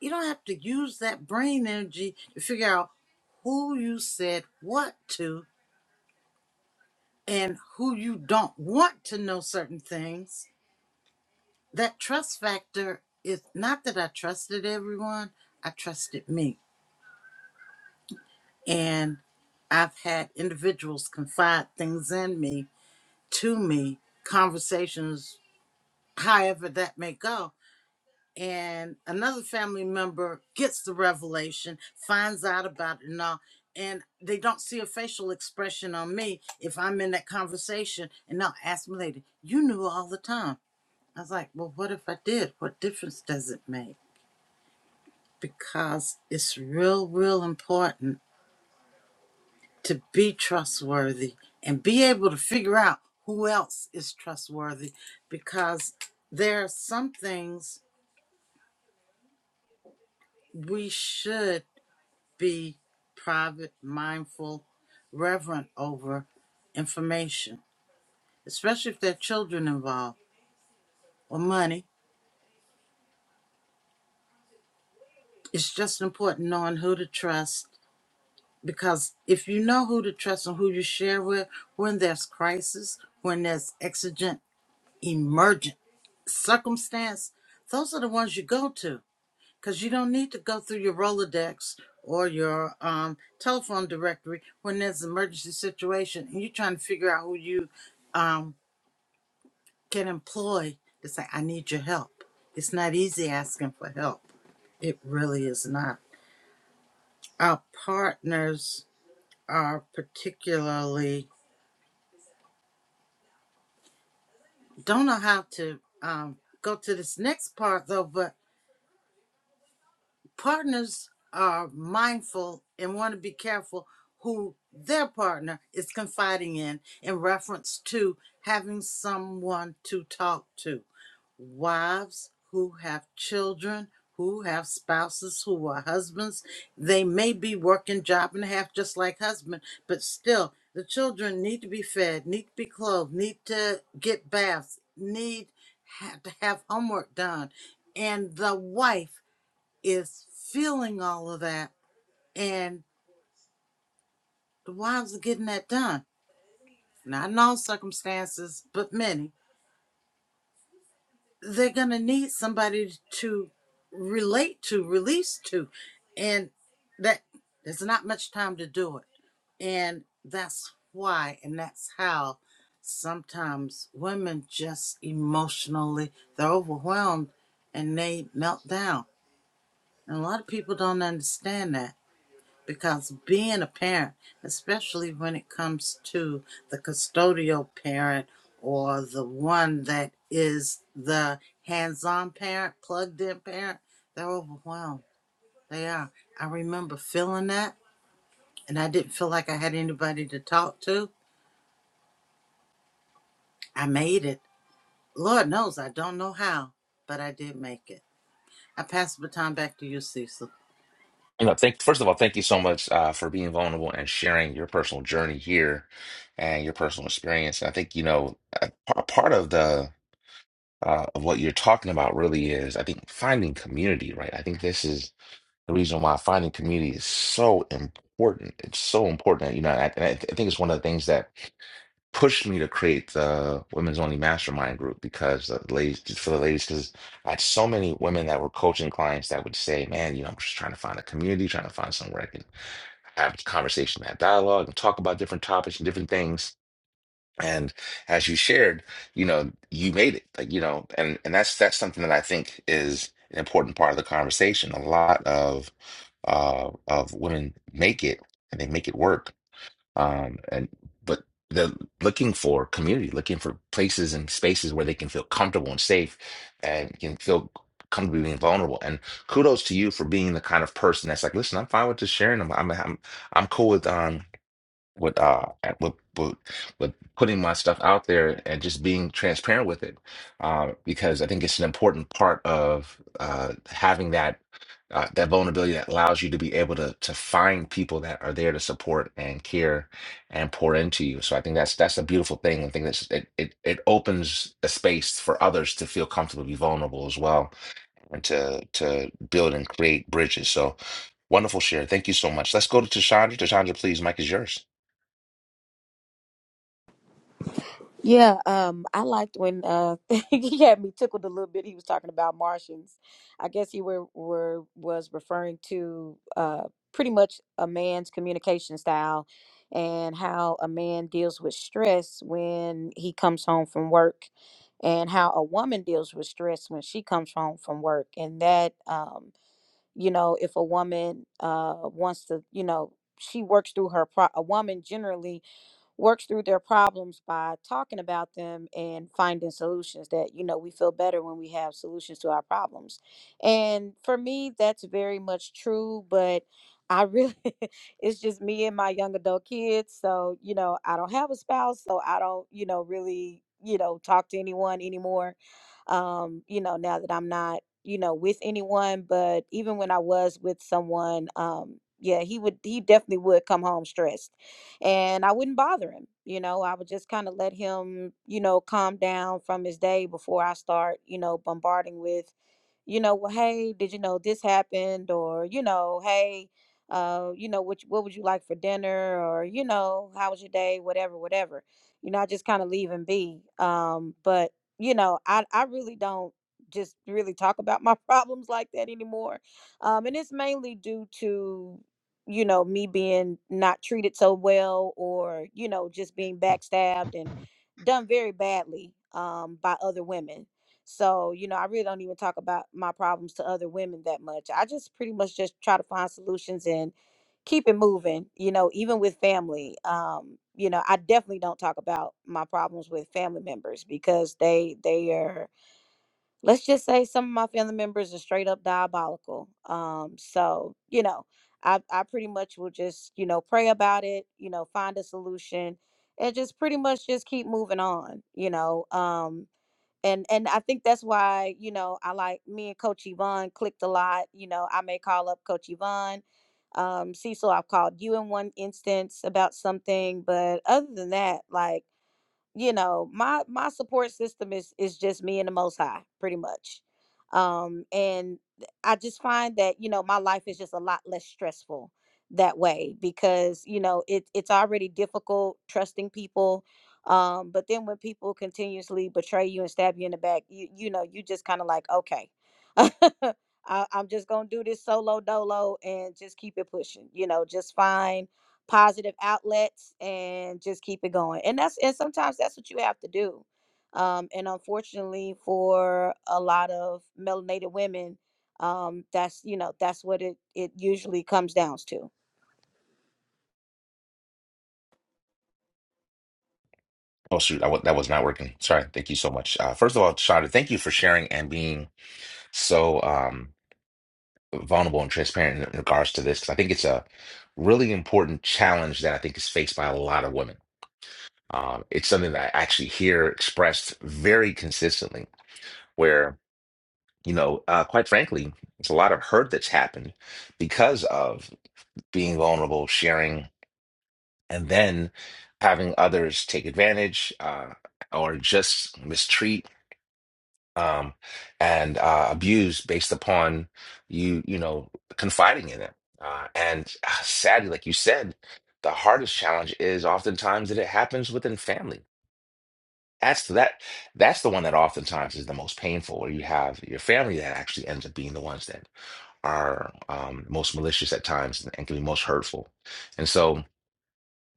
S2: you don't have to use that brain energy to figure out who you said what to and who you don't want to know certain things. That trust factor is not that I trusted everyone, I trusted me and I've had individuals confide things in me, to me, conversations, however that may go. And another family member gets the revelation, finds out about it and all, and they don't see a facial expression on me if I'm in that conversation. And they'll ask me later, You knew all the time. I was like, Well, what if I did? What difference does it make? Because it's real, real important to be trustworthy and be able to figure out who else is trustworthy because there are some things we should be private, mindful, reverent over information, especially if there are children involved or money. It's just important knowing who to trust because if you know who to trust and who you share with, when there's crisis, when there's exigent, emergent circumstance, those are the ones you go to because you don't need to go through your Rolodex or your um, telephone directory when there's an emergency situation and you're trying to figure out who you um, can employ to say, I need your help. It's not easy asking for help. It really is not. Our partners are particularly, don't know how to um, go to this next part though, but partners are mindful and want to be careful who their partner is confiding in in reference to having someone to talk to. Wives who have children, who have spouses, who are husbands, they may be working job and a half just like husband, but still the children need to be fed, need to be clothed, need to get baths, need have to have homework done. And the wife is feeling all of that and the wives are getting that done. Not in all circumstances, but many. They're going to need somebody to relate to, release to. And that there's not much time to do it. And that's why and that's how sometimes women just emotionally they're overwhelmed and they melt down. And a lot of people don't understand that because being a parent, especially when it comes to the custodial parent or the one that is the hands on parent, plugged in parent, they're overwhelmed. They are. I remember feeling that, and I didn't feel like I had anybody to talk to. I made it. Lord knows I don't know how, but I did make it. I pass the baton back to you, Cecil.
S1: You know, thank, first of all, thank you so much uh, for being vulnerable and sharing your personal journey here and your personal experience. And I think, you know, a, a part of the uh, of what you're talking about really is, I think, finding community, right? I think this is. the reason why finding community is so important. It's so important. You know, I, and I, th- I think it's one of the things that pushed me to create the women's only mastermind group because the ladies, for the ladies, because I had so many women that were coaching clients that would say, "Man, you know, I'm just trying to find a community, trying to find somewhere I can have a conversation, have dialogue, and talk about different topics and different things." And as you shared, you know, you made it. Like, you know, and and that's that's something that I think is an important part of the conversation. A lot of uh of women make it and they make it work. Um and but they're looking for community, looking for places and spaces where they can feel comfortable and safe and can feel comfortable being vulnerable. And kudos to you for being the kind of person that's like, listen, I'm fine with just sharing. I'm I'm I'm, I'm cool with um with uh at- with, with with putting my stuff out there and just being transparent with it um because I think it's an important part of uh having that uh, that vulnerability that allows you to be able to to find people that are there to support and care and pour into you so I think that's that's a beautiful thing I think that's it it, it opens a space for others to feel comfortable be vulnerable as well and to to build and create bridges so wonderful share thank you so much let's go to Tashandra Tashandra please Mike is yours
S6: Yeah, um, I liked when uh he had me tickled a little bit. He was talking about Martians. I guess he were, were was referring to uh pretty much a man's communication style and how a man deals with stress when he comes home from work and how a woman deals with stress when she comes home from work and that um you know if a woman uh wants to you know she works through her pro- a woman generally works through their problems by talking about them and finding solutions that you know we feel better when we have solutions to our problems and for me that's very much true but i really it's just me and my young adult kids so you know i don't have a spouse so i don't you know really you know talk to anyone anymore um you know now that i'm not you know with anyone but even when i was with someone um yeah he would he definitely would come home stressed and I wouldn't bother him. You know, I would just kind of let him, you know, calm down from his day before I start, you know, bombarding with, you know, well, hey, did you know this happened? Or, you know, hey, uh, you know, what, what would you like for dinner? Or, you know, how was your day? Whatever, whatever. You know, I just kind of leave him be. Um, but, you know, I, I really don't just really talk about my problems like that anymore. Um, and it's mainly due to you know me being not treated so well or you know just being backstabbed and done very badly um by other women so you know i really don't even talk about my problems to other women that much i just pretty much just try to find solutions and keep it moving you know even with family um you know i definitely don't talk about my problems with family members because they they are let's just say some of my family members are straight up diabolical. Um, so you know, I I pretty much will just you know pray about it, you know, find a solution, and just pretty much just keep moving on. You know, um, and and I think that's why you know I like me and Coach Yvonne clicked a lot. You know, I may call up Coach Yvonne. Um, Cecil, I've called you in one instance about something, but other than that, like you know my my support system is is just me and the most high pretty much um and i just find that you know my life is just a lot less stressful that way because you know it, it's already difficult trusting people um but then when people continuously betray you and stab you in the back you you know you just kind of like okay I, i'm just gonna do this solo dolo and just keep it pushing you know just find positive outlets and just keep it going. And that's and sometimes that's what you have to do. Um, and unfortunately, for a lot of melanated women, um, that's you know that's what it it usually comes down to.
S1: Oh shoot, I w that was not working. Sorry. Thank you so much. Uh, first of all, Shonda, thank you for sharing and being so um, vulnerable and transparent in in regards to this. 'cause I think it's a really important challenge that I think is faced by a lot of women. Um, it's something that I actually hear expressed very consistently, where you know, uh, quite frankly, it's a lot of hurt that's happened because of being vulnerable, sharing, and then having others take advantage uh, or just mistreat um, and uh, abused based upon you, you know, confiding in it. Uh, and uh, sadly, like you said, the hardest challenge is oftentimes that it happens within family. That's that. That's the one that oftentimes is the most painful, where you have your family that actually ends up being the ones that are um, most malicious at times and, and can be most hurtful. And so,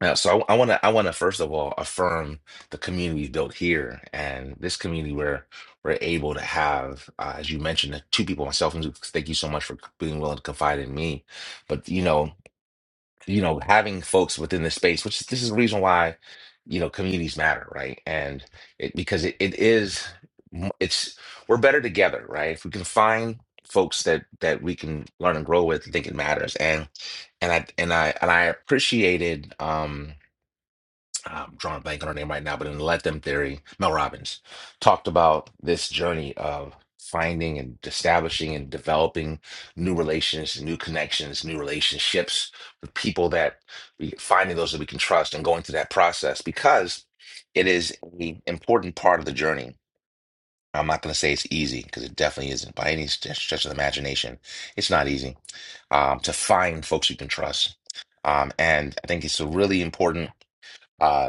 S1: yeah, so I want to I want to first of all affirm the community we've built here and this community where we're able to have, uh, as you mentioned, the two people myself. And Luke. thank you so much for being willing to confide in me. But you know, you know, having folks within this space, which is- this is the reason why, you know, communities matter, right? And it, because it, it is, m- it's we're better together, right? If we can find folks that that we can learn and grow with, I think it matters. And and I and I and I appreciated. um I'm drawing a blank on her name right now, but in Let Them Theory, Mel Robbins talked about this journey of finding and establishing and developing new relations, new connections, new relationships with people that we finding those that we can trust and going through that process because it is an important part of the journey. I'm not going to say it's easy because it definitely isn't by any st- stretch of the imagination. It's not easy um, to find folks you can trust. Um, and I think it's a really important uh,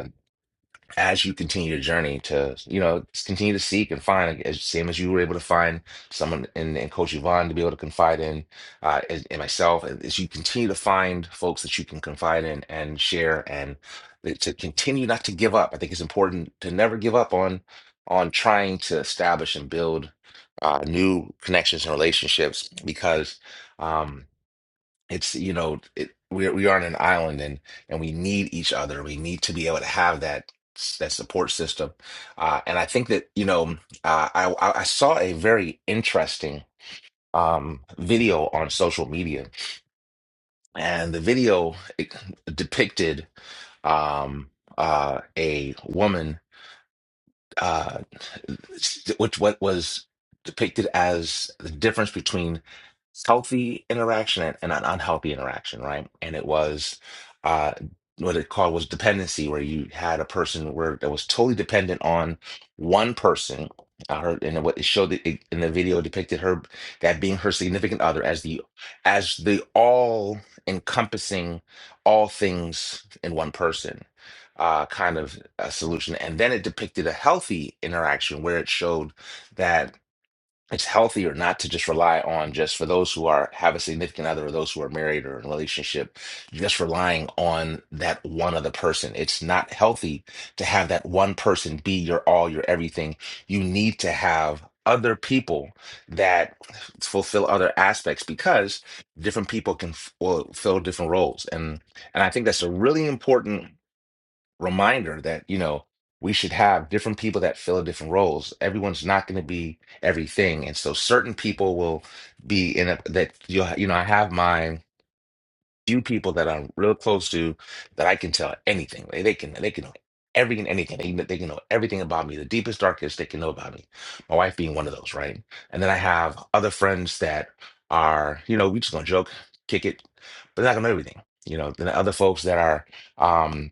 S1: as you continue your journey to, you know, just continue to seek and find, like, as same as you were able to find someone in, in Coach Yvonne to be able to confide in, uh, and, and myself, and as you continue to find folks that you can confide in and share, and that- to continue not to give up. I think it's important to never give up on on trying to establish and build uh, new connections and relationships because. Um, it's you know it, we we are on an island and and we need each other. We need to be able to have that that support system. Uh, and I think that you know um, uh, I I I saw a very interesting um, video on social media, and the video it depicted um, uh, a woman uh, which what was depicted as the difference between healthy interaction and, and an unhealthy interaction, right? And it was uh, what it called was dependency, where you had a person where that was totally dependent on one person. I heard, and what it showed it, in the video depicted her that being her significant other as the as the all encompassing all things in one person uh, kind of a solution. And then it depicted a healthy interaction where it showed that it's healthier not to just rely on just for those who are have a significant other or those who are married or in a relationship, just relying on that one other person. It's not healthy to have that one person be your all, your everything. You need to have other people that fulfill other aspects because different people can f- fulfill different roles and and i think that's a really important reminder that you know we should have different people that fill different roles everyone's not going to be everything and so certain people will be in a that you you know i have my few people that i'm real close to that i can tell anything they, they can they can know everything and anything they, can- they can know everything about me the deepest darkest they can know about me my wife being one of those right and then i have other friends that are you know we just gonna joke kick it but they're not gonna know everything you know then other folks that are um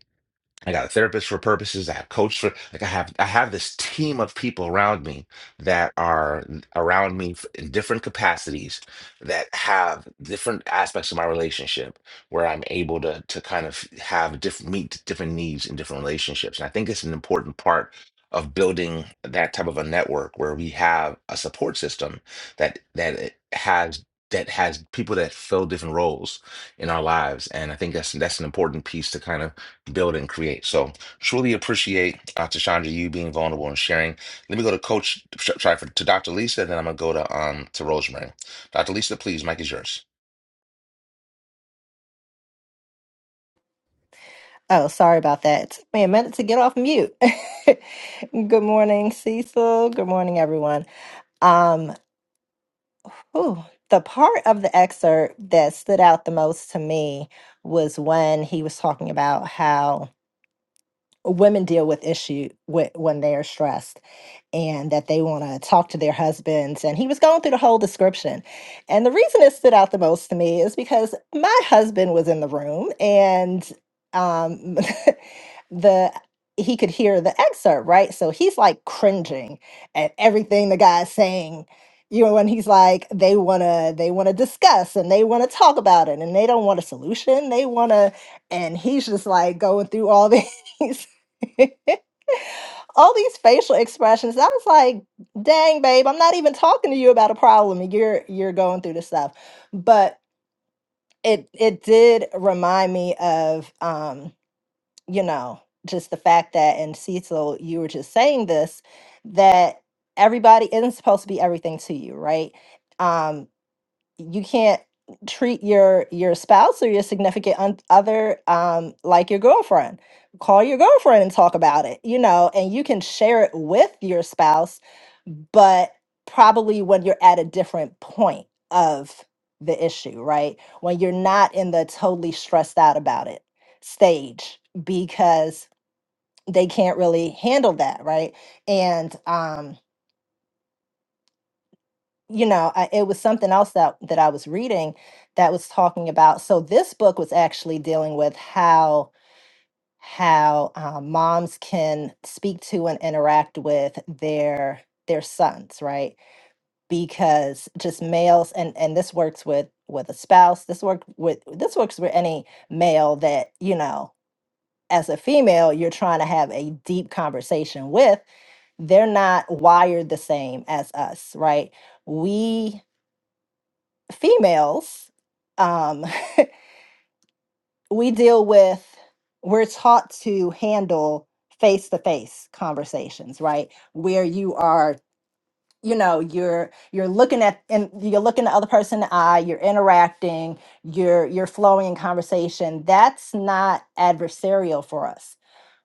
S1: I got a therapist for purposes. I have coach for like I have I have this team of people around me that are n- around me f- in different capacities that have different aspects of my relationship where I'm able to to kind of have different meet different needs in different relationships. And I think it's an important part of building that type of a network where we have a support system that that it has that has people that fill different roles in our lives. And I think that's that's an important piece to kind of build and create. So truly appreciate uh, Tashandra you being vulnerable and sharing. Let me go to Coach sorry for, to Dr. Lisa, and then I'm gonna go to um to Rosemary. Dr. Lisa, please, Mike is yours.
S11: Oh, sorry about that. It took me a minute to get off mute. Good morning, Cecil. Good morning, everyone. Um, whew, the part of the excerpt that stood out the most to me was when he was talking about how women deal with issue whe- when they are stressed and that they want to talk to their husbands. And he was going through the whole description. And the reason it stood out the most to me is because my husband was in the room and um, the he could hear the excerpt, right? So he's like cringing at everything the guy's saying. You know, when he's like, they wanna, they wanna discuss and they wanna talk about it, and they don't want a solution. They wanna, and he's just like going through all these all these facial expressions. I was like, dang, babe, I'm not even talking to you about a problem. and You're you're going through this stuff. But it it did remind me of um, you know, just the fact that and Cecil, you were just saying this, that everybody isn't supposed to be everything to you, right? Um, you can't treat your your spouse or your significant un- other um like your girlfriend call your girlfriend and talk about it you know and you can share it with your spouse but probably when you're at a different point of the issue right when you're not in the totally stressed out about it stage because they can't really handle that right and um you know, I, it was something else that that I was reading that was talking about. So this book was actually dealing with how how uh, moms can speak to and interact with their their sons, right? Because just males, and and this works with with a spouse. This work with this works with any male that you know. As a female, you're trying to have a deep conversation with. They're not wired the same as us, right? We females, um, we deal with, we're taught to handle face to face conversations, right? Where you are, you know, you're you're looking at and you're looking the other person in the eye, you're interacting, you're you're flowing in conversation. That's not adversarial for us.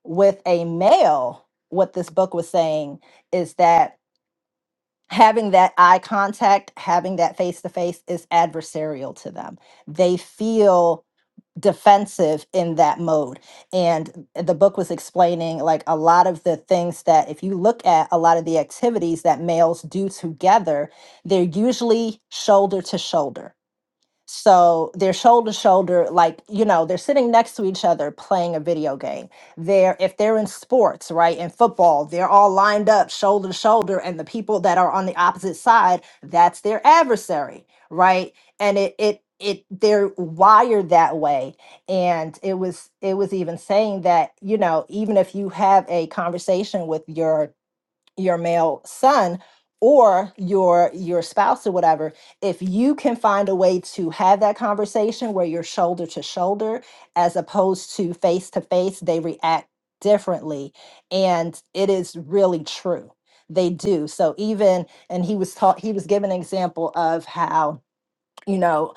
S11: With a male, what this book was saying is that having that eye contact, having that face to face is adversarial to them. They feel defensive in that mode. And the book was explaining like a lot of the things that if you look at a lot of the activities that males do together, they're usually shoulder to shoulder so they're shoulder to shoulder, like, you know, they're sitting next to each other playing a video game. They're, if they're in sports, right, in football, they're all lined up shoulder to shoulder. And the people that are on the opposite side, that's their adversary, right? And it, it, it they're wired that way and it was it was even saying that you know even if you have a conversation with your your male son or your your spouse or whatever if you can find a way to have that conversation where you're shoulder to shoulder as opposed to face to face they react differently and it is really true they do so even and he was taught he was given an example of how you know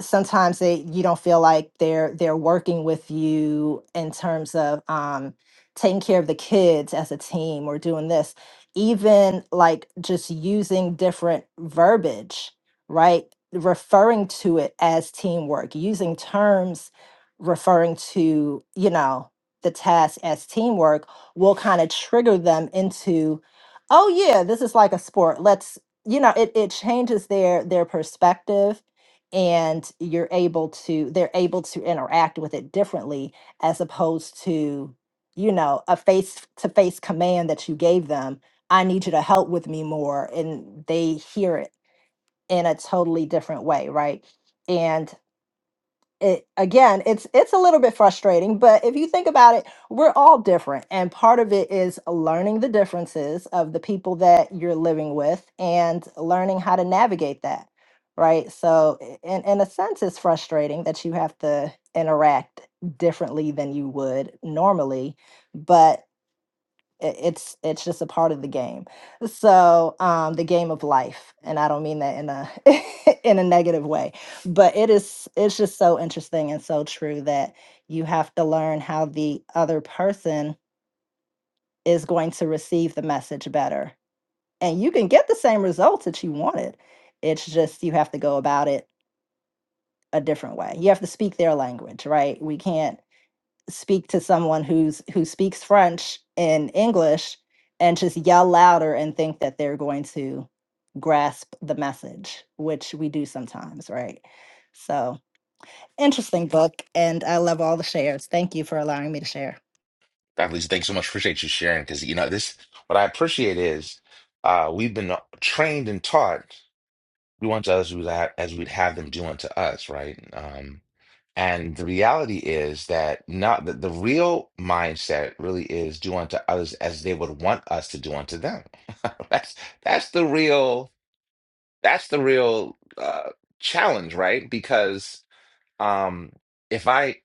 S11: sometimes they you don't feel like they're they're working with you in terms of um taking care of the kids as a team or doing this even like just using different verbiage right referring to it as teamwork using terms referring to you know the task as teamwork will kind of trigger them into oh yeah this is like a sport let's you know it, it changes their their perspective and you're able to they're able to interact with it differently as opposed to you know a face to face command that you gave them i need you to help with me more and they hear it in a totally different way right and it again it's it's a little bit frustrating but if you think about it we're all different and part of it is learning the differences of the people that you're living with and learning how to navigate that right so i- in, in a sense it's frustrating that you have to interact differently than you would normally but it- it's it's just a part of the game so um the game of life and i don't mean that in a in a negative way but it is it's just so interesting and so true that you have to learn how the other person is going to receive the message better and you can get the same results that you wanted it's just you have to go about it a different way you have to speak their language right we can't speak to someone who's who speaks French in English and just yell louder and think that they're going to grasp the message, which we do sometimes, right? So interesting book and I love all the shares. Thank you for allowing me to share.
S1: Dr. Lisa, thanks so much. Appreciate you sharing because you know this. What I appreciate is uh we've been trained and taught we want to others as we would have, as we'd have them do unto us, right? Um, And the reality is that not that the real mindset really is do unto others as they would want us to do unto them. That's that's the real that's the real uh, challenge, right? Because um, if I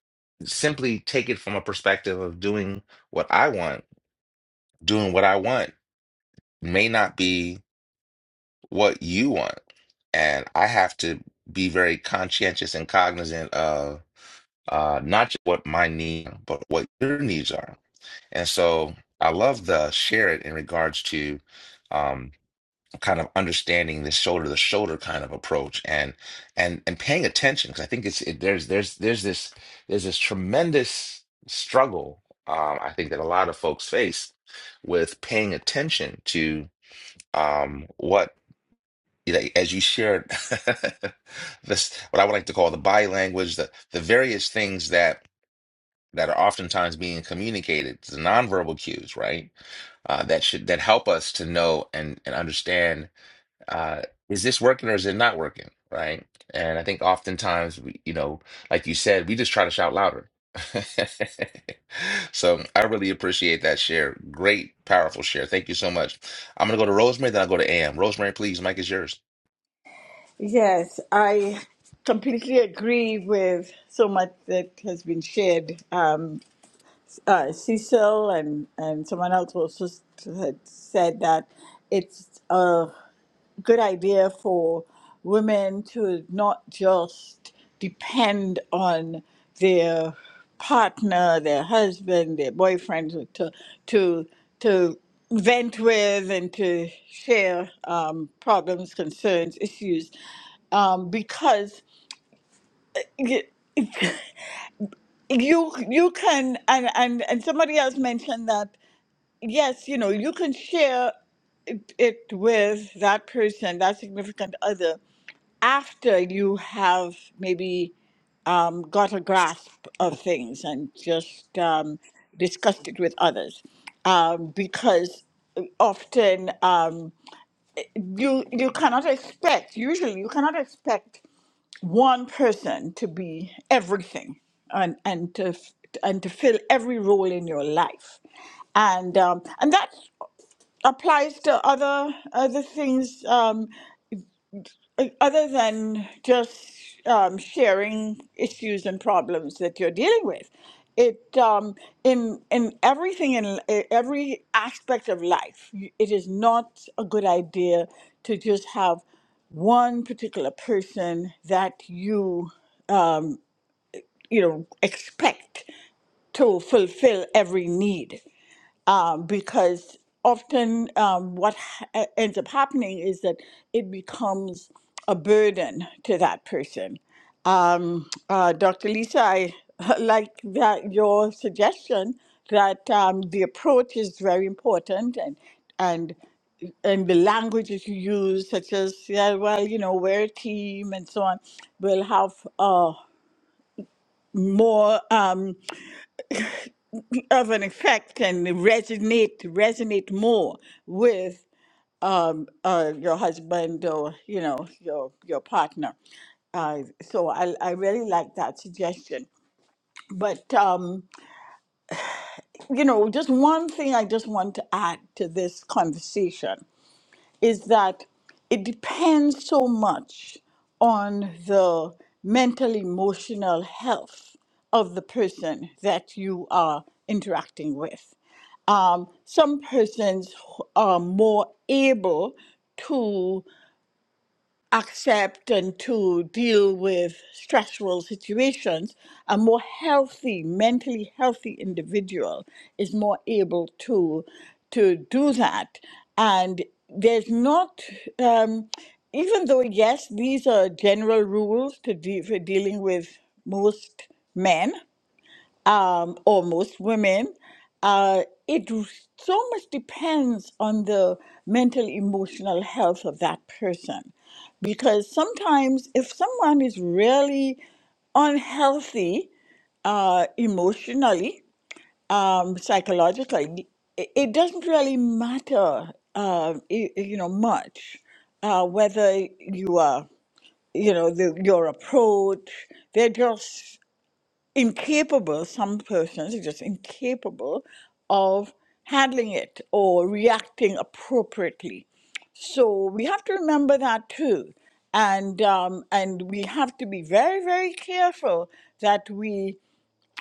S1: simply take it from a perspective of doing what I want, doing what I want may not be what you want, and I have to be very conscientious and cognizant of. uh, not just what my need, but what your needs are. And so I love the share it in regards to um, kind of understanding this shoulder to shoulder kind of approach and and and paying attention because I think it's it, there's there's there's this there's this tremendous struggle um, I think that a lot of folks face with paying attention to um, what you know, as you shared this what I would like to call the body language the the various things that that are oftentimes being communicated, the nonverbal cues, right? Uh, that should that help us to know and and understand uh, is this working or is it not working, right? And I think oftentimes we, you know, like you said, we just try to shout louder. So I really appreciate that share. Great, powerful share. Thank you so much. I'm gonna go to Rosemary, then I'll go to AM. Rosemary, please, Mike is yours.
S10: Yes, I completely agree with so much that has been shared. Um, uh, Cecil and, and someone else also s- had said that it's a good idea for women to not just depend on their partner, their husband, their boyfriend to to to vent with and to share um, problems, concerns, issues, um, because. y- you you can and, and and somebody else mentioned that yes, you know, you can share it, it with that person, that significant other, after you have maybe um, got a grasp of things and just um, discussed it with others. Um, because uh, often um, you you cannot expect, usually you cannot expect one person to be everything and and to f- and to fill every role in your life and um, and that applies to other other things um, o- other than just um, sharing issues and problems that you're dealing with. It um, in in everything in e- every aspect of life. y- It is not a good idea to just have one particular person that you you know expect to fulfill every need um, because often um, what ha- e, ends up happening is that it becomes a burden to that person. Um, uh, Dr. Lisa, I like that your suggestion that um, the approach is very important and and and the languages you use, such as yeah, well, you know, we're a team and so on, will have uh, more um, of an effect and resonate resonate more with. uh, your husband or you know your your partner. Uh, so I I really like that suggestion. But um, you know, just one thing I just want to add to this conversation is that it depends so much on the mental emotional health of the person that you are interacting with um, some persons who are more able to accept and to deal with stressful situations, a more healthy, mentally healthy individual is more able to to do that. And there's not, um, even though yes, these are general rules to de- for dealing with most men, um, or most women, uh, it so much depends on the mental emotional health of that person. Because sometimes, if someone is really unhealthy uh, emotionally, um, psychologically, it, it doesn't really matter, uh, y- you know, much uh, whether you are, you know, the, your approach. They're just incapable, some persons are just incapable of handling it or reacting appropriately. So we have to remember that too. And, um, and we have to be very, very careful that we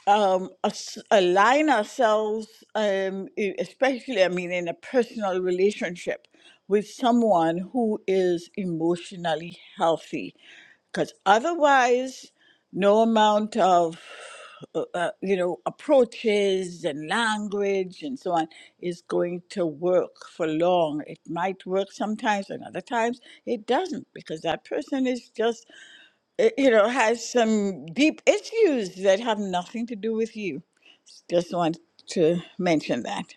S10: um, us- align ourselves, um, e- especially, I mean, in a personal relationship with someone who is emotionally healthy. Because otherwise, no amount of, uh, uh, you know, approaches and language and so on is going to work for long. It might work sometimes, and other times it doesn't, because that person is just eh, you know, has some deep issues that have nothing to do with you. Just want to mention that.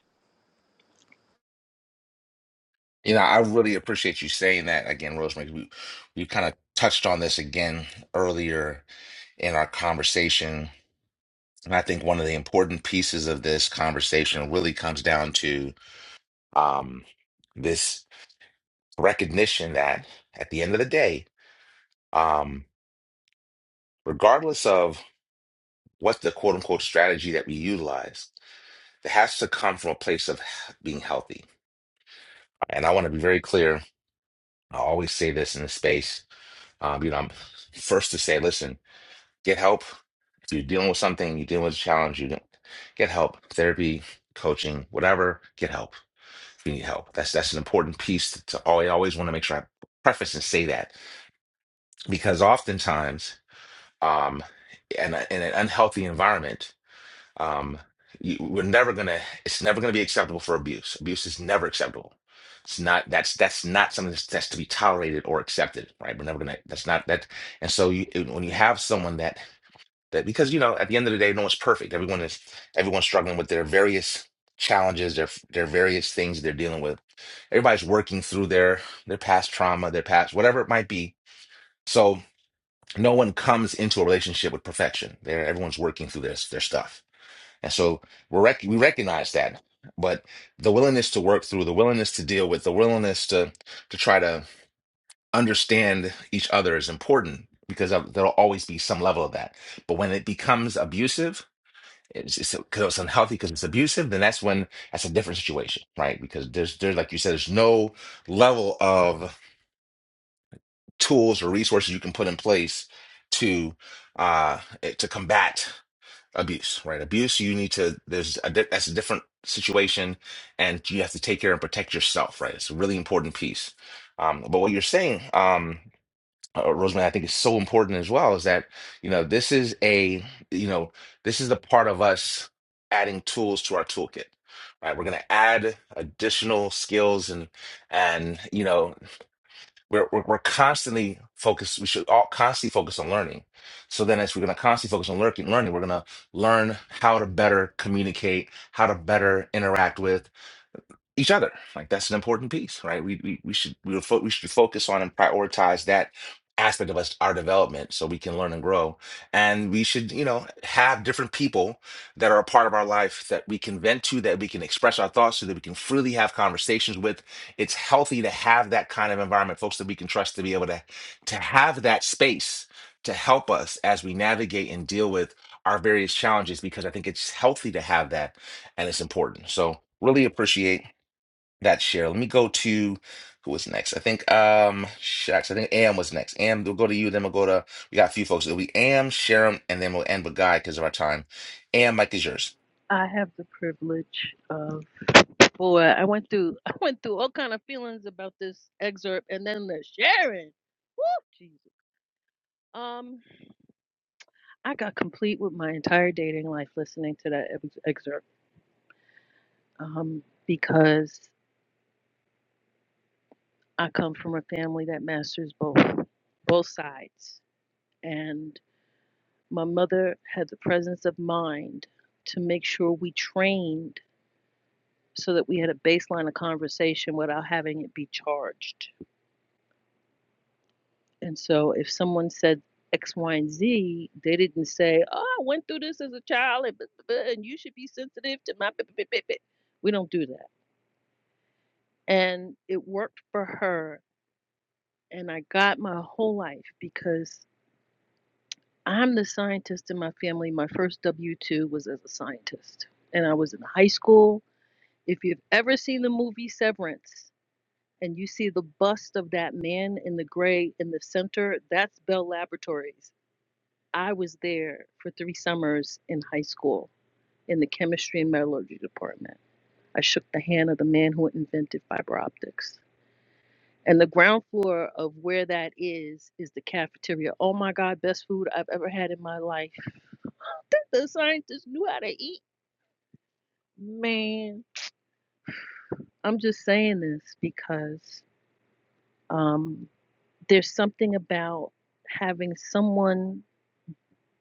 S1: You know, I really appreciate you saying that again, Rosemary. We we kind of touched on this again earlier in our conversation. And I think one of the important pieces of this conversation really comes down to um, this recognition that at the end of the day, um, regardless of what the quote unquote strategy that we utilize, it has to come from a place of being healthy. And I want to be very clear. I always say this in the space. Um, you know, I'm first to say, listen Get help. If you're dealing with something, you're dealing with a challenge, you don't get help. Therapy, coaching, whatever, get help if you need help. That's that's an important piece to, to always, always want to make sure I preface and say that because oftentimes, um, in, a, in an unhealthy environment, um, you, we're never gonna. It's never gonna be acceptable for abuse. Abuse is never acceptable. It's not. That's that's not something that's, that's to be tolerated or accepted. Right? We're never gonna. That's not that. And so you, when you have someone that that because you know at the end of the day no one's perfect everyone is everyone's struggling with their various challenges their their various things they're dealing with everybody's working through their their past trauma their past whatever it might be so no one comes into a relationship with perfection they're, everyone's working through their their stuff and so we rec- we recognize that but the willingness to work through the willingness to deal with the willingness to to try to understand each other is important because of- there'll always be some level of that but when it becomes abusive it's it's because it's unhealthy because it's abusive then that's when that's a different situation right because there's there's like you said there's no level of tools or resources you can put in place to uh eh, to combat abuse right abuse you need to there's a di- that's a different situation and you have to take care and protect yourself right it's a really important piece um but what you're saying um, uh, Rosemary, I think is so important as well is that, you know, this is a, you know, this is the part of us adding tools to our toolkit, right? We're going to add additional skills and, and, you know, we're, we're, we're constantly focused. We should all constantly focus on learning. So then as we're going to constantly focus on learning, learning, we're going to learn how to better communicate, how to better interact with, each other. Like that's an important piece, right? We we, we should we, fo- we should focus on and prioritize that aspect of us our development so we can learn and grow and we should you know have different people that are a part of our life that we can vent to that we can express our thoughts to that we can freely have conversations with it's healthy to have that kind of environment folks that we can trust to be able to to have that space to help us as we navigate and deal with our various challenges because i think it's healthy to have that and it's important so really appreciate that share. Let me go to who was next. I think um shucks, I think Am was next. Am, we'll go to you, then we'll go to we got a few folks. It'll be Am, Sharon, and then we'll end with Guy because of our time. Am, Mike is yours.
S12: I have the privilege of boy, I went through I went through all kind of feelings about this excerpt and then the sharing. Woo Jesus. Um I got complete with my entire dating life listening to that ex- excerpt. Um because I come from a family that masters both both sides. And my mother had the presence of mind to make sure we trained so that we had a baseline of conversation without having it be charged And so if someone said X, Y, and Z, they didn't say, "Oh, I went through this as a child, and, blah, blah, blah, and you should be sensitive to my." blah, blah, blah, blah, We don't do that. And it worked for her, and I got my whole life because I'm the scientist in my family. My first W two was as a scientist, and I was in high school. If you've ever seen the movie Severance, and you see the bust of that man in the gray in the center, that's Bell Laboratories I was there for three summers in high school in the chemistry and metallurgy department. I shook the hand of the man who invented fiber optics. And the ground floor of where that is is the cafeteria. Oh my God, best food I've ever had in my life. The scientists knew how to eat. Man, I'm just saying this because um, there's something about having someone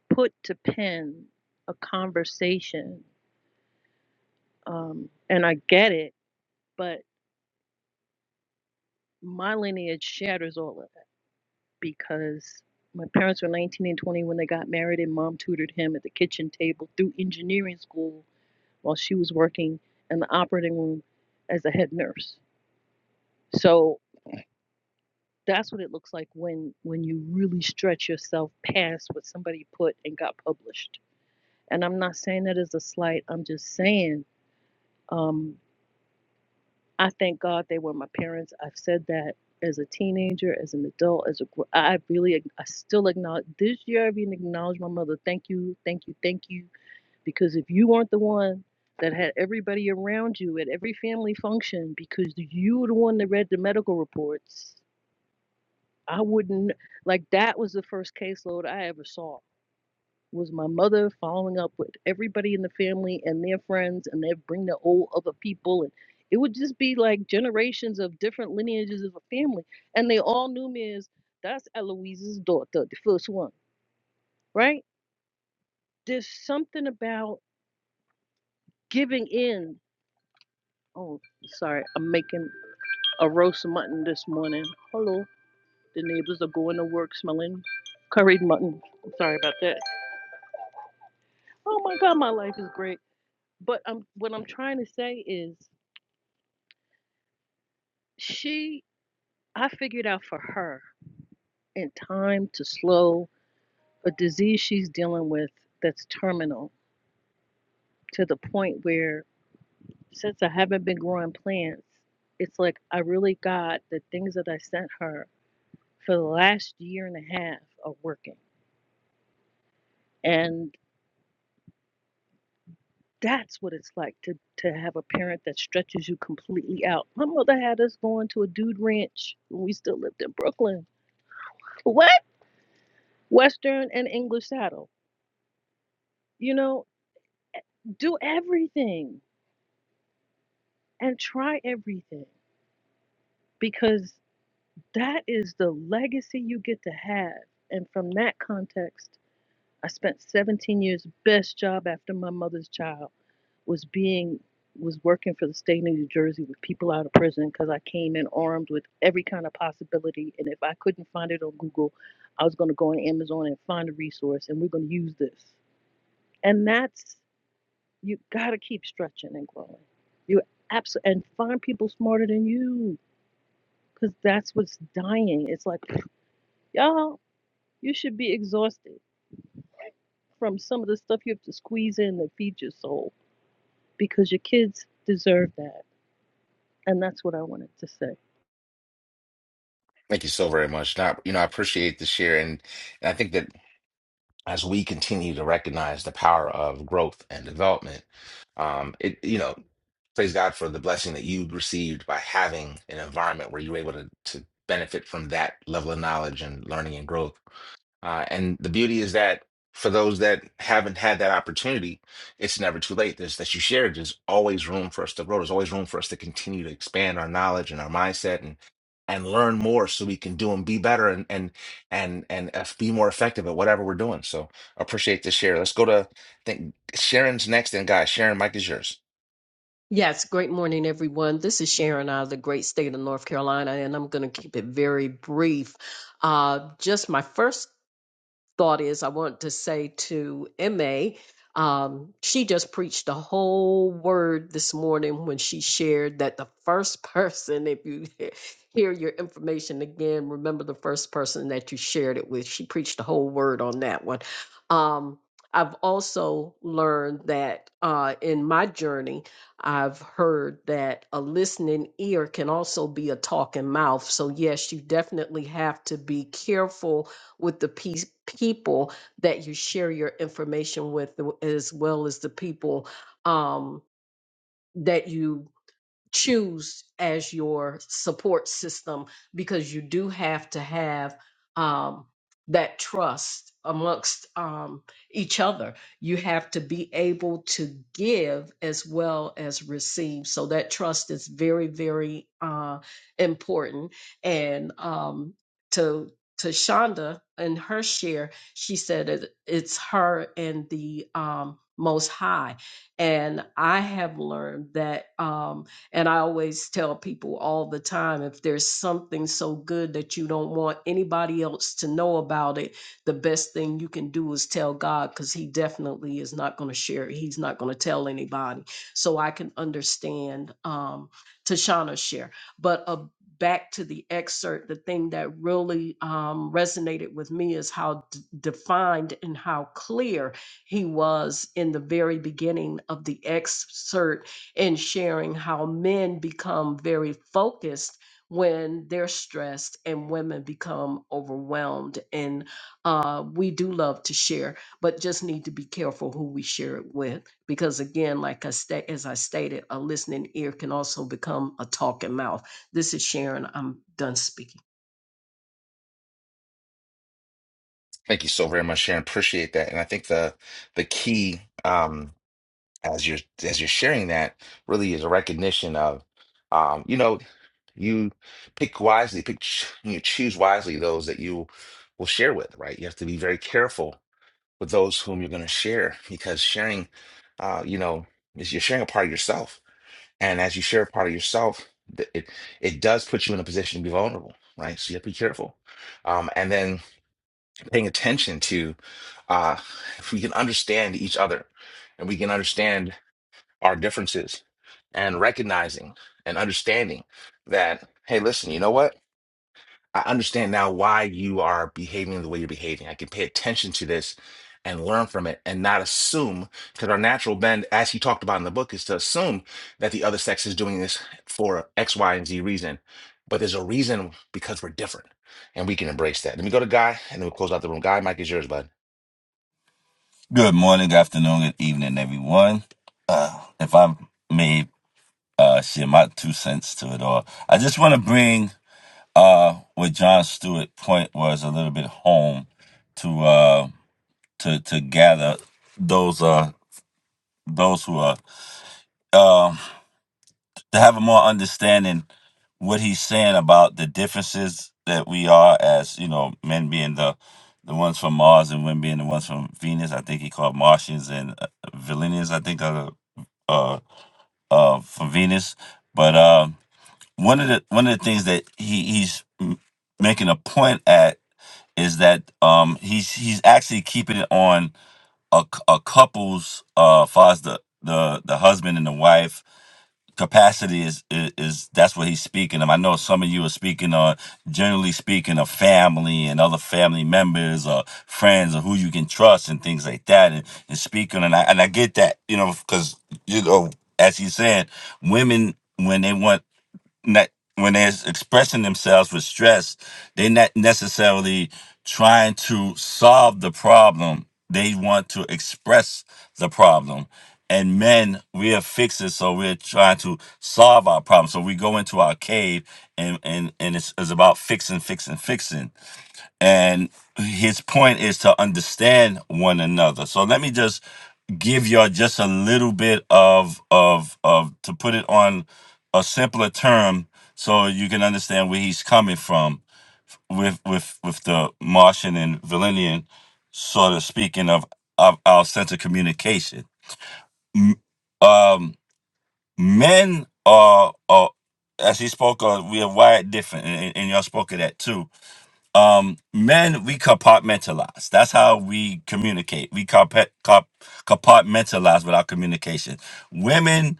S12: put to pen a conversation. Um, and I get it, but my lineage shatters all of that because my parents were 19 and 20 when they got married, and mom tutored him at the kitchen table through engineering school while she was working in the operating room as a head nurse. So that's what it looks like when when you really stretch yourself past what somebody put and got published. And I'm not saying that as a slight. I'm just saying um, I thank God they were my parents. I've said that as a teenager, as an adult, as a gr- I really I still acknowledge this year. I've even acknowledged my mother. Thank you, thank you, thank you. Because if you weren't the one that had everybody around you at every family function, because you were the one that read the medical reports, I wouldn't like that was the first caseload I ever saw was my mother following up with everybody in the family and their friends, and they'd bring their old other people, and it would just be like generations of different lineages of a family, and they all knew me as that's Eloise's daughter, the first one, right? There's something about giving in. Oh, sorry, I'm making a roast mutton this morning. Hello, the neighbors are going to work smelling curried mutton. I'm sorry about that. Oh my God, my life is great. But I'm, what I'm trying to say is She, I figured out for her in time to slow a disease she's dealing with that's terminal to the point where since I haven't been growing plants, it's like I really got the things that I sent her for the last year and a half are working. And that's what it's like to, to have a parent that stretches you completely out. My mother had us going to a dude ranch when we still lived in Brooklyn. What? Western and English saddle. You know, do everything and try everything because that is the legacy you get to have. And from that context, I spent 17 years best job after my mother's child was being was working for the state of New Jersey with people out of prison because I came in armed with every kind of possibility and if I couldn't find it on Google, I was going to go on Amazon and find a resource and we're going to use this. And that's You got to keep stretching and growing. You absolutely, and find people smarter than you because that's what's dying. It's like, y'all, you should be exhausted from some of the stuff you have to squeeze in that feeds your soul because your kids deserve that. And that's what I wanted to say.
S1: Thank you so very much. Not you know, I appreciate the share and, and I think that as we continue to recognize the power of growth and development, um, it you know, praise God for the blessing that you received by having an environment where you were able to to benefit from that level of knowledge and learning and growth Uh, and the beauty is that for those that haven't had that opportunity, it's never too late. There's that you shared. There's always room for us to grow. There's always room for us to continue to expand our knowledge and our mindset and and learn more so we can do and be better and and and and eff- be more effective at whatever we're doing. So appreciate this share. Let's go to I think Sharon's next. And guys, Sharon, Mike is yours.
S8: Yes, great morning, everyone. This is Sharon out of the great state of North Carolina, and I'm going to keep it very brief. Uh, just my first thought is I want to say to MA, um, she just preached the whole word this morning when she shared that the first person, if you hear your information again, remember the first person that you shared it with. She preached the whole word on that one. Um, I've also learned that uh, in my journey, I've heard that a listening ear can also be a talking mouth. So, yes, you definitely have to be careful with the peace, people that you share your information with, as well as the people um, that you choose as your support system because you do have to have um, that trust amongst um, each other. You have to be able to give as well as receive. So that trust is very, very uh, important. And um, to to Shonda and her share, she said it, it's her and the um, Most High. And I have learned that. Um, and I always tell people all the time if there's something so good that you don't want anybody else to know about it, the best thing you can do is tell God because He definitely is not going to share it. He's not going to tell anybody. So I can understand um, Tashana's share. But uh, back to the excerpt, the thing that really um, resonated with me is how d- defined and how clear he was in the very beginning of the excerpt and sharing how men become very focused when they're stressed and women become overwhelmed. And uh, we do love to share, but just need to be careful who we share it with. Because again, like I sta- as I stated, a listening ear can also become a talking mouth. This is Sharon. I'm done speaking.
S1: Thank you so very much, Sharon. Appreciate that. And I think the the key. um, as you're as you're sharing that really is a recognition of um you know you pick wisely pick ch- you choose wisely those that you will share with right you have to be very careful with those whom you're going to share because sharing uh you know is you're sharing a part of yourself and as you share a part of yourself th- it it does put you in a position to be vulnerable right so you have to be careful um and then paying attention to uh if we can understand each other and we can understand our differences and recognizing and understanding that, hey, listen, you know what? I understand now why you are behaving the way you're behaving. I can pay attention to this and learn from it and not assume, because our natural bend, as he talked about in the book, is to assume that the other sex is doing this for X, Y, and Z reason. But there's a reason because we're different and we can embrace that. Let me go to Guy and then we'll close out the room. Guy, mic is yours, bud.
S13: Good morning, good afternoon, good evening, everyone. Uh, if I may uh, share my two cents to it all, I just want to bring uh, what John Stewart' point was a little bit home to uh, to to gather those uh, those who are um to have a more understanding what he's saying about the differences that we are as you know men being the the ones from Mars and women being the ones from Venus. I think he called Martians and uh, Villainians. I think are the, uh, uh, for Venus. But uh, one of the one of the things that he, he's m- making a point at is that um, he's he's actually keeping it on a, cou- a couple's uh, far as the the the husband and the wife capacity is, is is that's what he's speaking of. I know some of you are speaking on generally speaking of family and other family members or friends or who you can trust and things like that and, and speaking and I and I get that, you know, because you know, as he's saying, women when they want not when they're expressing themselves with stress, they're not necessarily trying to solve the problem. They want to express the problem. And men, we are fixers, so we're trying to solve our problem. So we go into our cave and and, and it's, it's about fixing, fixing, fixing and his point is to understand one another so let me just give y'all just a little bit of of of to put it on a simpler term so you can understand where he's coming from with with with the martian and valenian sort of speaking of of our sense of communication M- um men are are as he spoke of we are wired different and, and and y'all spoke of that too um men we compartmentalize that's how we communicate we compa- comp- compartmentalize with our communication women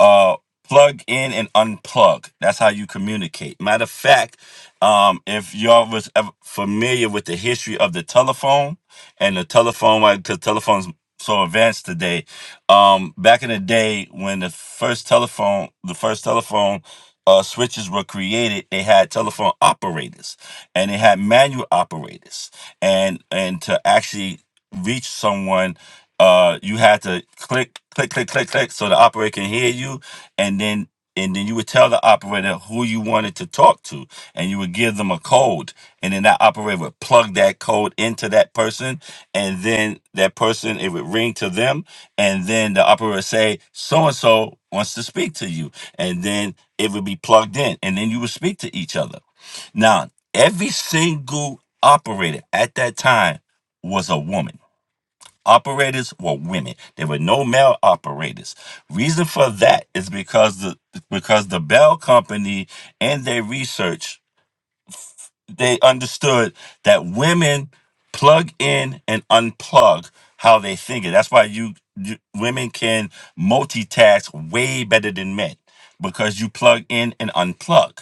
S13: uh plug in and unplug that's how you communicate matter of fact um if y'all was ever familiar with the history of the telephone and the telephone because telephones so advanced today um back in the day when the first telephone the first telephone uh switches were created they had telephone operators and they had manual operators and and to actually reach someone uh you had to click click click click click so the operator can hear you and then and then you would tell the operator who you wanted to talk to and you would give them a code and then that operator would plug that code into that person and then that person it would ring to them and then the operator would say so and so wants to speak to you and then it would be plugged in and then you would speak to each other now Every single operator at that time was a woman. Operators were women. There were no male operators. Reason for that is because the because the Bell Company and their research, they understood that women plug in and unplug how they think. And That's why you, you women can multitask way better than men because you plug in and unplug.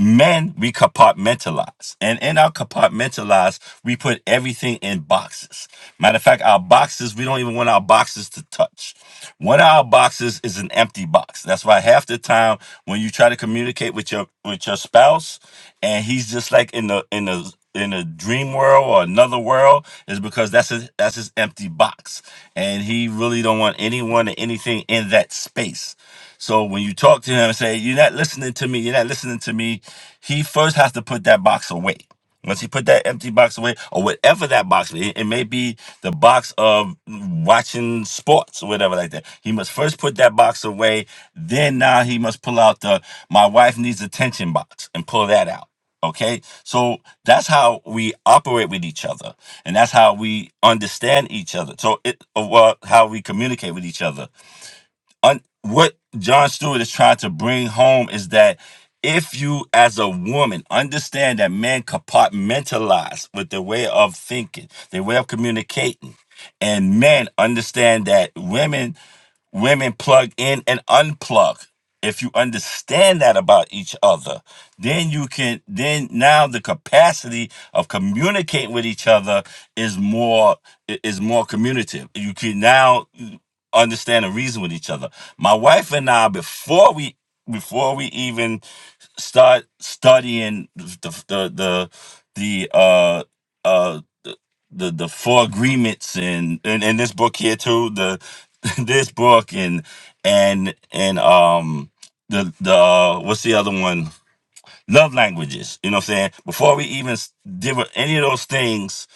S13: Men, we compartmentalize. And in our compartmentalize, we put everything in boxes. Matter of fact, our boxes, we don't even want our boxes to touch. One of our boxes is an empty box. That's why half the time when you try to communicate with your with your spouse and he's just like in the in the in a dream world or another world is because that's his that's his empty box and he really don't want anyone or anything in that space so when you talk to him and say you're not listening to me you're not listening to me he first has to put that box away. Once he put that empty box away, or whatever that box may, it may be the box of watching sports or whatever like that. He must first put that box away. Then now he must pull out the my wife needs attention box and pull that out. Okay, so that's how we operate with each other, and that's how we understand each other. So it, or well, how we communicate with each other un- what John Stewart is trying to bring home is that if you, as a woman, understand that men compartmentalize with their way of thinking, their way of communicating, and men understand that women women plug in and unplug if you understand that about each other then you can then now the capacity of communicating with each other is more i- is more communicative you can now understand and reason with each other my wife and i before we before we even start studying the the the, the uh uh, the the four agreements and and, and this book here too the this book and and and um the the uh, what's the other one love languages you know what i'm saying before we even s- did any of those things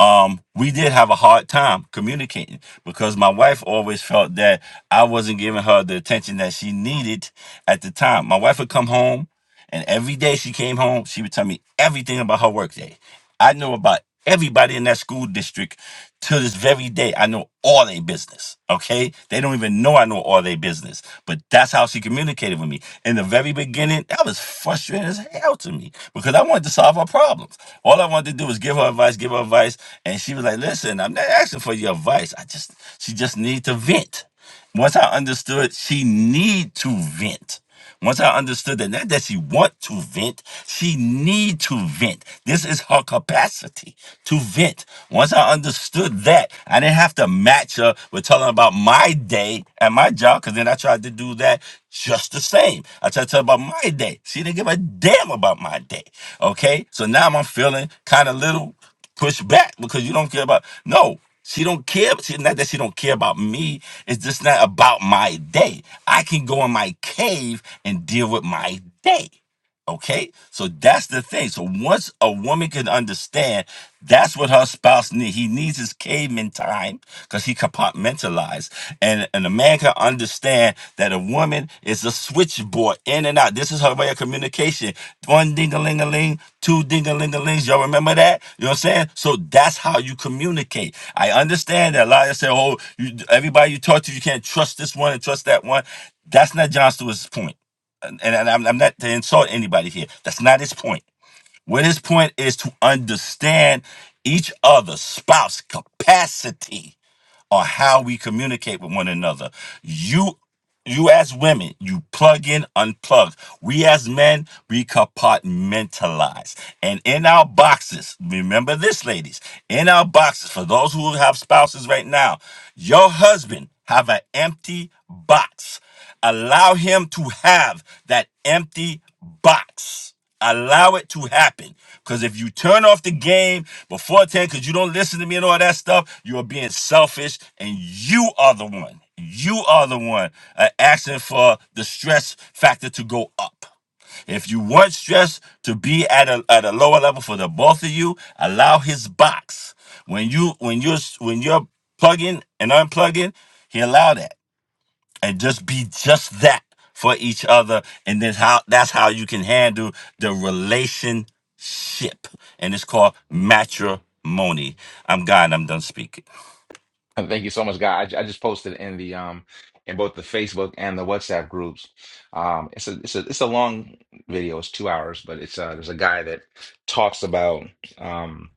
S13: um we did have a hard time communicating because my wife always felt that i wasn't giving her the attention that she needed at the time my wife would come home and every day she came home she would tell me everything about her workday I know about everybody in that school district to this very day. I know all their business. Okay. They don't even know I know all their business. But that's how she communicated with me. In the very beginning, that was frustrating as hell to me because I wanted to solve her problems. All I wanted to do was give her advice, give her advice. And she was like, listen, I'm not asking for your advice. I just she just needs to vent. Once I understood she need to vent. Once I understood that not that she want to vent, she need to vent. This is her capacity to vent. Once I understood that, I didn't have to match her with telling her about my day at my job, because then I tried to do that just the same. I tried to tell her about my day. She didn't give a damn about my day. Okay? So now I'm feeling kind of little push back because you don't care about no she don't care she, not that she don't care about me it's just not about my day i can go in my cave and deal with my day Okay, so that's the thing. So once a woman can understand, that's what her spouse needs. He needs his caveman time because he compartmentalized, and and a man can understand that a woman is a switchboard in and out. This is her way of communication. One ding a ling a ling, two ding a ling a lings. Y'all remember that? You know what I'm saying? So that's how you communicate. I understand that a lot of you say, oh, you, everybody you talk to, you can't trust this one and trust that one. That's not John Stewart's point and, and I'm, I'm not to insult anybody here. That's not his point. What his point is to understand each other's spouse capacity on how we communicate with one another. You you as women, you plug in, unplug. We as men, we compartmentalize. And in our boxes, remember this, ladies, in our boxes, for those who have spouses right now, your husband have an empty box. Allow him to have that empty box. Allow it to happen. Because if you turn off the game before 10, because you don't listen to me and all that stuff, you are being selfish and you are the one. You are the one uh, asking for the stress factor to go up. If you want stress to be at a, at a lower level for the both of you, allow his box. When you when you when you're plugging and unplugging, he allow that and just be just that for each other and then how that's how you can handle the relationship and it's called matrimony i'm god and i'm done speaking
S1: And Thank you so much, guy. I, I just posted in the um in both the Facebook and the WhatsApp groups. Um, it's a it's a it's a long video. It's two hours, but it's uh there's a guy that talks about um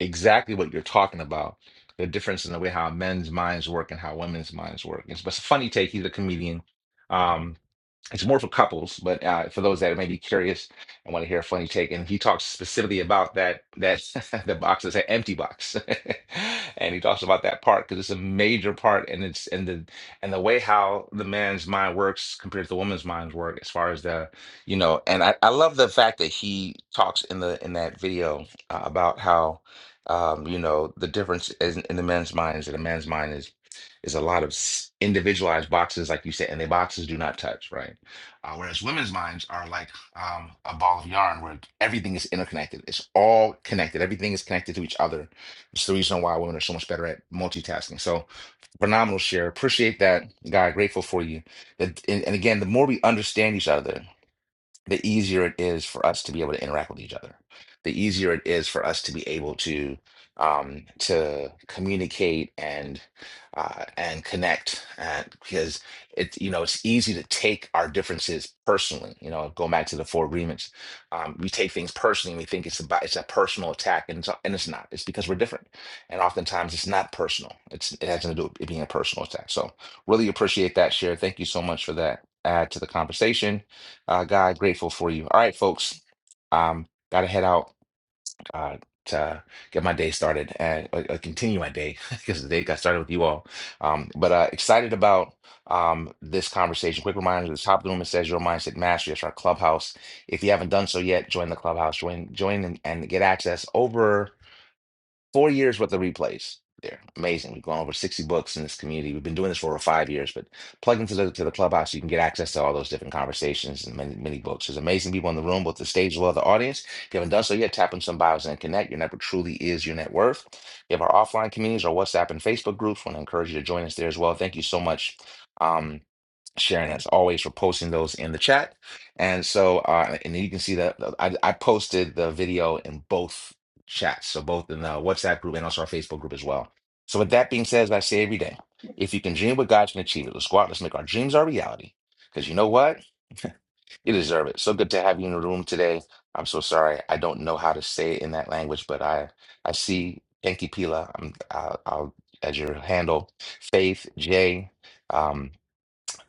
S1: exactly what you're talking about, the difference in the way how men's minds work and how women's minds work. It's, but it's a funny take. He's a comedian. Um, it's more for couples, but uh, for those that may be curious and want to hear a funny take, and he talks specifically about that that the box is an empty box, and he talks about that part because it's a major part, and it's and the and the way how the man's mind works compared to the woman's mind's work as far as the you know, and I, I love the fact that he talks in the in that video uh, about how um, you know the difference in, in the men's minds that a man's mind is is a lot of s- individualized boxes, like you said, and the boxes do not touch, right? Uh, whereas women's minds are like um, a ball of yarn where everything is interconnected. It's all connected. Everything is connected to each other. It's the reason why women are so much better at multitasking. So phenomenal share. Appreciate that, guy. Grateful for you. That, and, and again, the more we understand each other, the easier it is for us to be able to interact with each other. The easier it is for us to be able to um, to communicate and uh, and connect, and, because it's you know it's easy to take our differences personally. You know, going back to the four agreements, um, we take things personally. and We think it's about it's a personal attack, and it's, and it's not. It's because we're different, and oftentimes it's not personal. It's it has nothing to do with it being a personal attack. So really appreciate that share. Thank you so much for that add to the conversation uh, God, grateful for you. All right, folks. Um, gotta head out uh, to get my day started and uh, uh, continue my day because the day got started with you all. Um, but uh, excited about um, this conversation. Quick reminder: the top of the room it says "Your Mindset Mastery." It's our clubhouse. If you haven't done so yet, join the clubhouse. Join, join, and, and get access over. Four years worth of replays there. Amazing. We've gone over 60 books in this community. We've been doing this for over five years, but plug into the to the clubhouse, you can get access to all those different conversations and many, many books. There's amazing people in the room, both the stage as well as the audience. If you haven't done so yet, tap on some bios and connect. Your network truly is your net worth. We have our offline communities, our WhatsApp and Facebook groups. Want to encourage you to join us there as well. Thank you so much. Um, Sharon, as always, for posting those in the chat. And so, uh, and you can see that uh, I, I posted the video in both chats, so both in the WhatsApp group and also our Facebook group as well. So, with that being said, as I say every day, if you can dream what God can achieve it, let's go out, let's make our dreams our reality. Because you know what? You deserve it. So good to have you in the room today. I'm so sorry. I don't know how to say it in that language, but I I see Enki Pila um, I'll, I'll, as your handle, Faith, Jay. Um,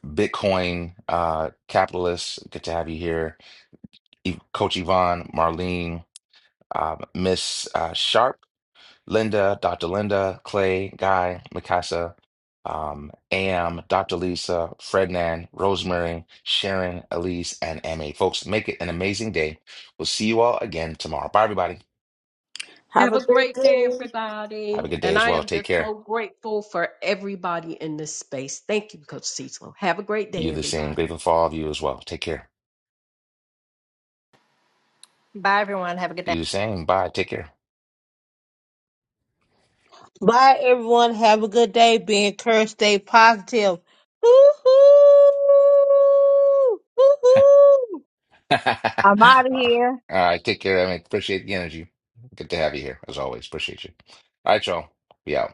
S1: Bitcoin uh, capitalists. Good to have you here, E- Coach Yvonne, Marlene, uh, Miss uh, Sharp, Linda, Dr. Linda, Clay, Guy, Mikasa, um, Am, Dr. Lisa, Frednan, Rosemary, Sharon, Elise, and Ma. Folks, make it an amazing day. We'll see you all again tomorrow. Bye, everybody.
S10: Have
S8: Have
S10: a
S8: a
S10: great
S8: great day,
S10: day.
S1: Have a
S8: everybody.
S1: good day
S8: And
S1: as
S8: I
S1: well.
S8: am
S1: Take
S8: just so
S1: care.
S8: grateful for everybody in this space. Thank you, Coach Cecil. Have a great
S1: You
S8: day,
S1: the same.
S8: everybody.
S1: Grateful for all of you as well. Take care.
S11: Bye.
S1: You the same. Bye. Take care.
S5: Bye, everyone. Have a good day. Be encouraged. Stay positive. Woo-hoo! Woo-hoo! I'm out of
S1: All
S5: here.
S1: right, take care. I appreciate the energy. Good to have you here, as always. Appreciate you. All right, y'all. Be out.